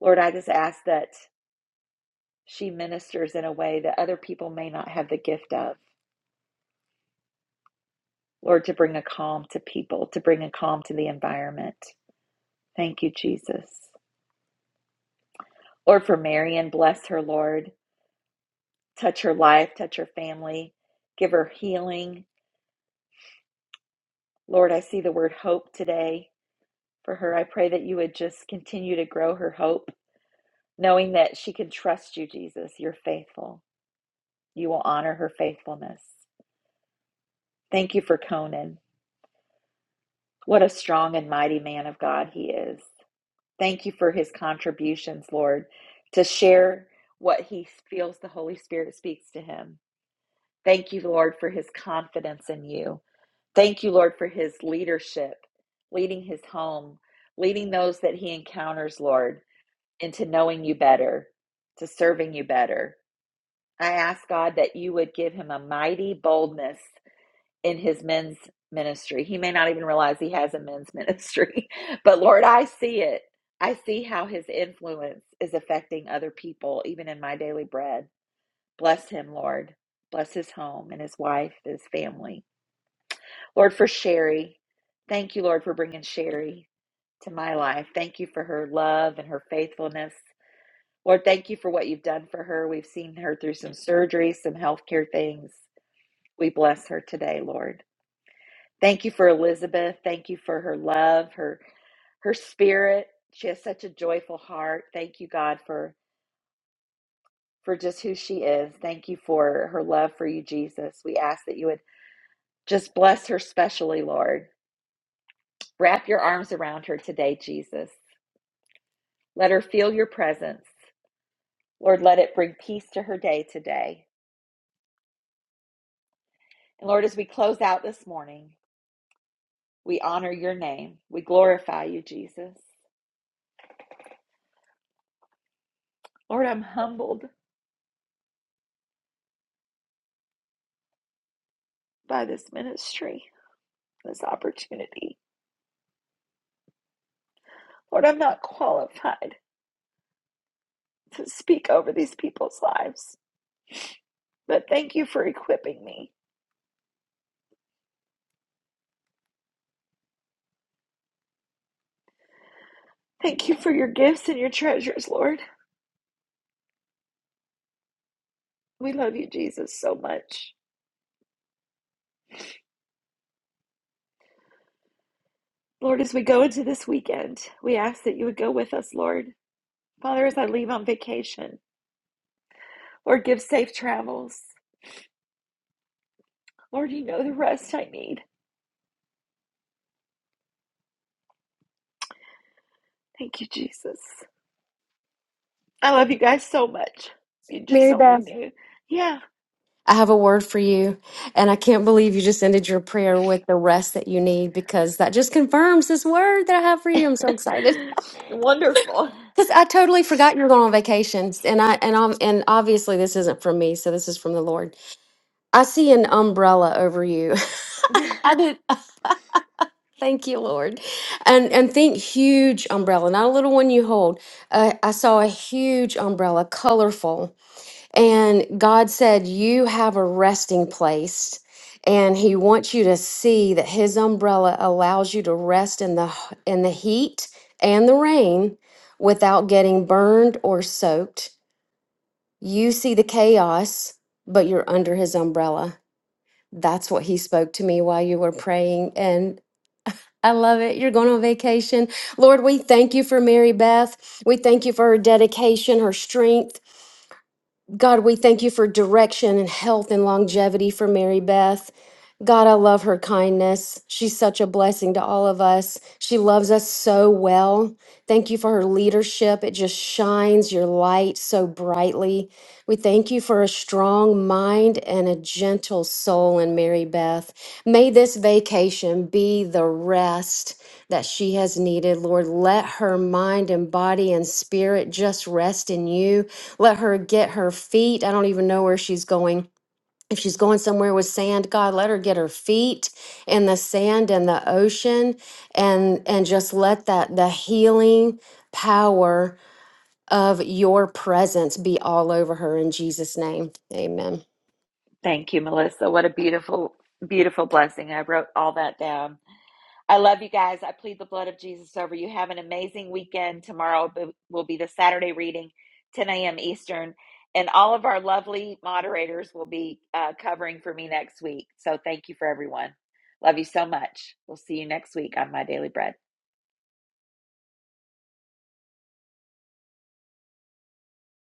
Lord, I just ask that she ministers in a way that other people may not have the gift of. Lord, to bring a calm to people, to bring a calm to the environment. Thank you, Jesus. Lord, for Marion, bless her, Lord. Touch her life, touch her family, give her healing. Lord, I see the word hope today for her. I pray that you would just continue to grow her hope, knowing that she can trust you, Jesus. You're faithful. You will honor her faithfulness. Thank you for Conan. What a strong and mighty man of God he is. Thank you for his contributions, Lord, to share what he feels the Holy Spirit speaks to him. Thank you, Lord, for his confidence in you. Thank you, Lord, for his leadership, leading his home, leading those that he encounters, Lord, into knowing you better, to serving you better. I ask God that you would give him a mighty boldness in his men's ministry. He may not even realize he has a men's ministry, but Lord, I see it. I see how his influence is affecting other people, even in my daily bread. Bless him, Lord. Bless his home and his wife, his family. Lord, for Sherry, thank you, Lord, for bringing Sherry to my life. Thank you for her love and her faithfulness. Lord, thank you for what you've done for her. We've seen her through some surgeries, some healthcare things. We bless her today, Lord. Thank you for Elizabeth. Thank you for her love, her her spirit. She has such a joyful heart. Thank you, God, for for just who she is. Thank you for her love for you, Jesus. We ask that you would just bless her specially, Lord. Wrap your arms around her today, Jesus. Let her feel your presence. Lord, let it bring peace to her day today. And Lord, as we close out this morning, we honor your name. We glorify you, Jesus. Lord, I'm humbled by this ministry, this opportunity. Lord, I'm not qualified to speak over these people's lives, but thank you for equipping me. Thank you for your gifts and your treasures, Lord. We love you, Jesus, so much. Lord, as we go into this weekend, we ask that you would go with us, Lord. Father, as I leave on vacation, Lord, give safe travels. Lord, you know the rest I need. Thank you, Jesus. I love you guys so much. You just Mary only Beth. knew. Yeah. I have a word for you. And I can't believe you just ended your prayer with the rest that you need because that just confirms this word that I have for you. I'm so excited. Wonderful. Because I totally forgot you were going on vacations. And I and I'm and obviously this isn't from me, so this is from the Lord. I see an umbrella over you. I did thank you, Lord. And and think huge umbrella, not a little one you hold. Uh, I saw a huge umbrella, colorful. And God said, You have a resting place. And he wants you to see that his umbrella allows you to rest in the h- in the heat and the rain without getting burned or soaked. You see the chaos, but you're under his umbrella. That's what he spoke to me while you were praying and I love it. You're going on vacation. Lord, we thank you for Mary Beth. We thank you for her dedication, her strength, God, we thank you for direction and health and longevity for Mary Beth. God, I love her kindness. She's such a blessing to all of us. She loves us so well. Thank you for her leadership. It just shines your light so brightly. We thank you for a strong mind and a gentle soul in Mary Beth. May this vacation be the rest that she has needed. Lord, let her mind and body and spirit just rest in you. Let her get her feet. I don't even know where she's going. If she's going somewhere with sand, God, let her get her feet in the sand and the ocean and and just let that the healing power of your presence be all over her in Jesus name. Amen. Thank you, Melissa. What a beautiful, beautiful blessing. I wrote all that down. I love you guys. I plead the blood of Jesus over you. Have an amazing weekend. Tomorrow b- will be the Saturday reading, 10 a.m. Eastern. And all of our lovely moderators will be uh, covering for me next week. So thank you for everyone. Love you so much. We'll see you next week on My Daily Bread.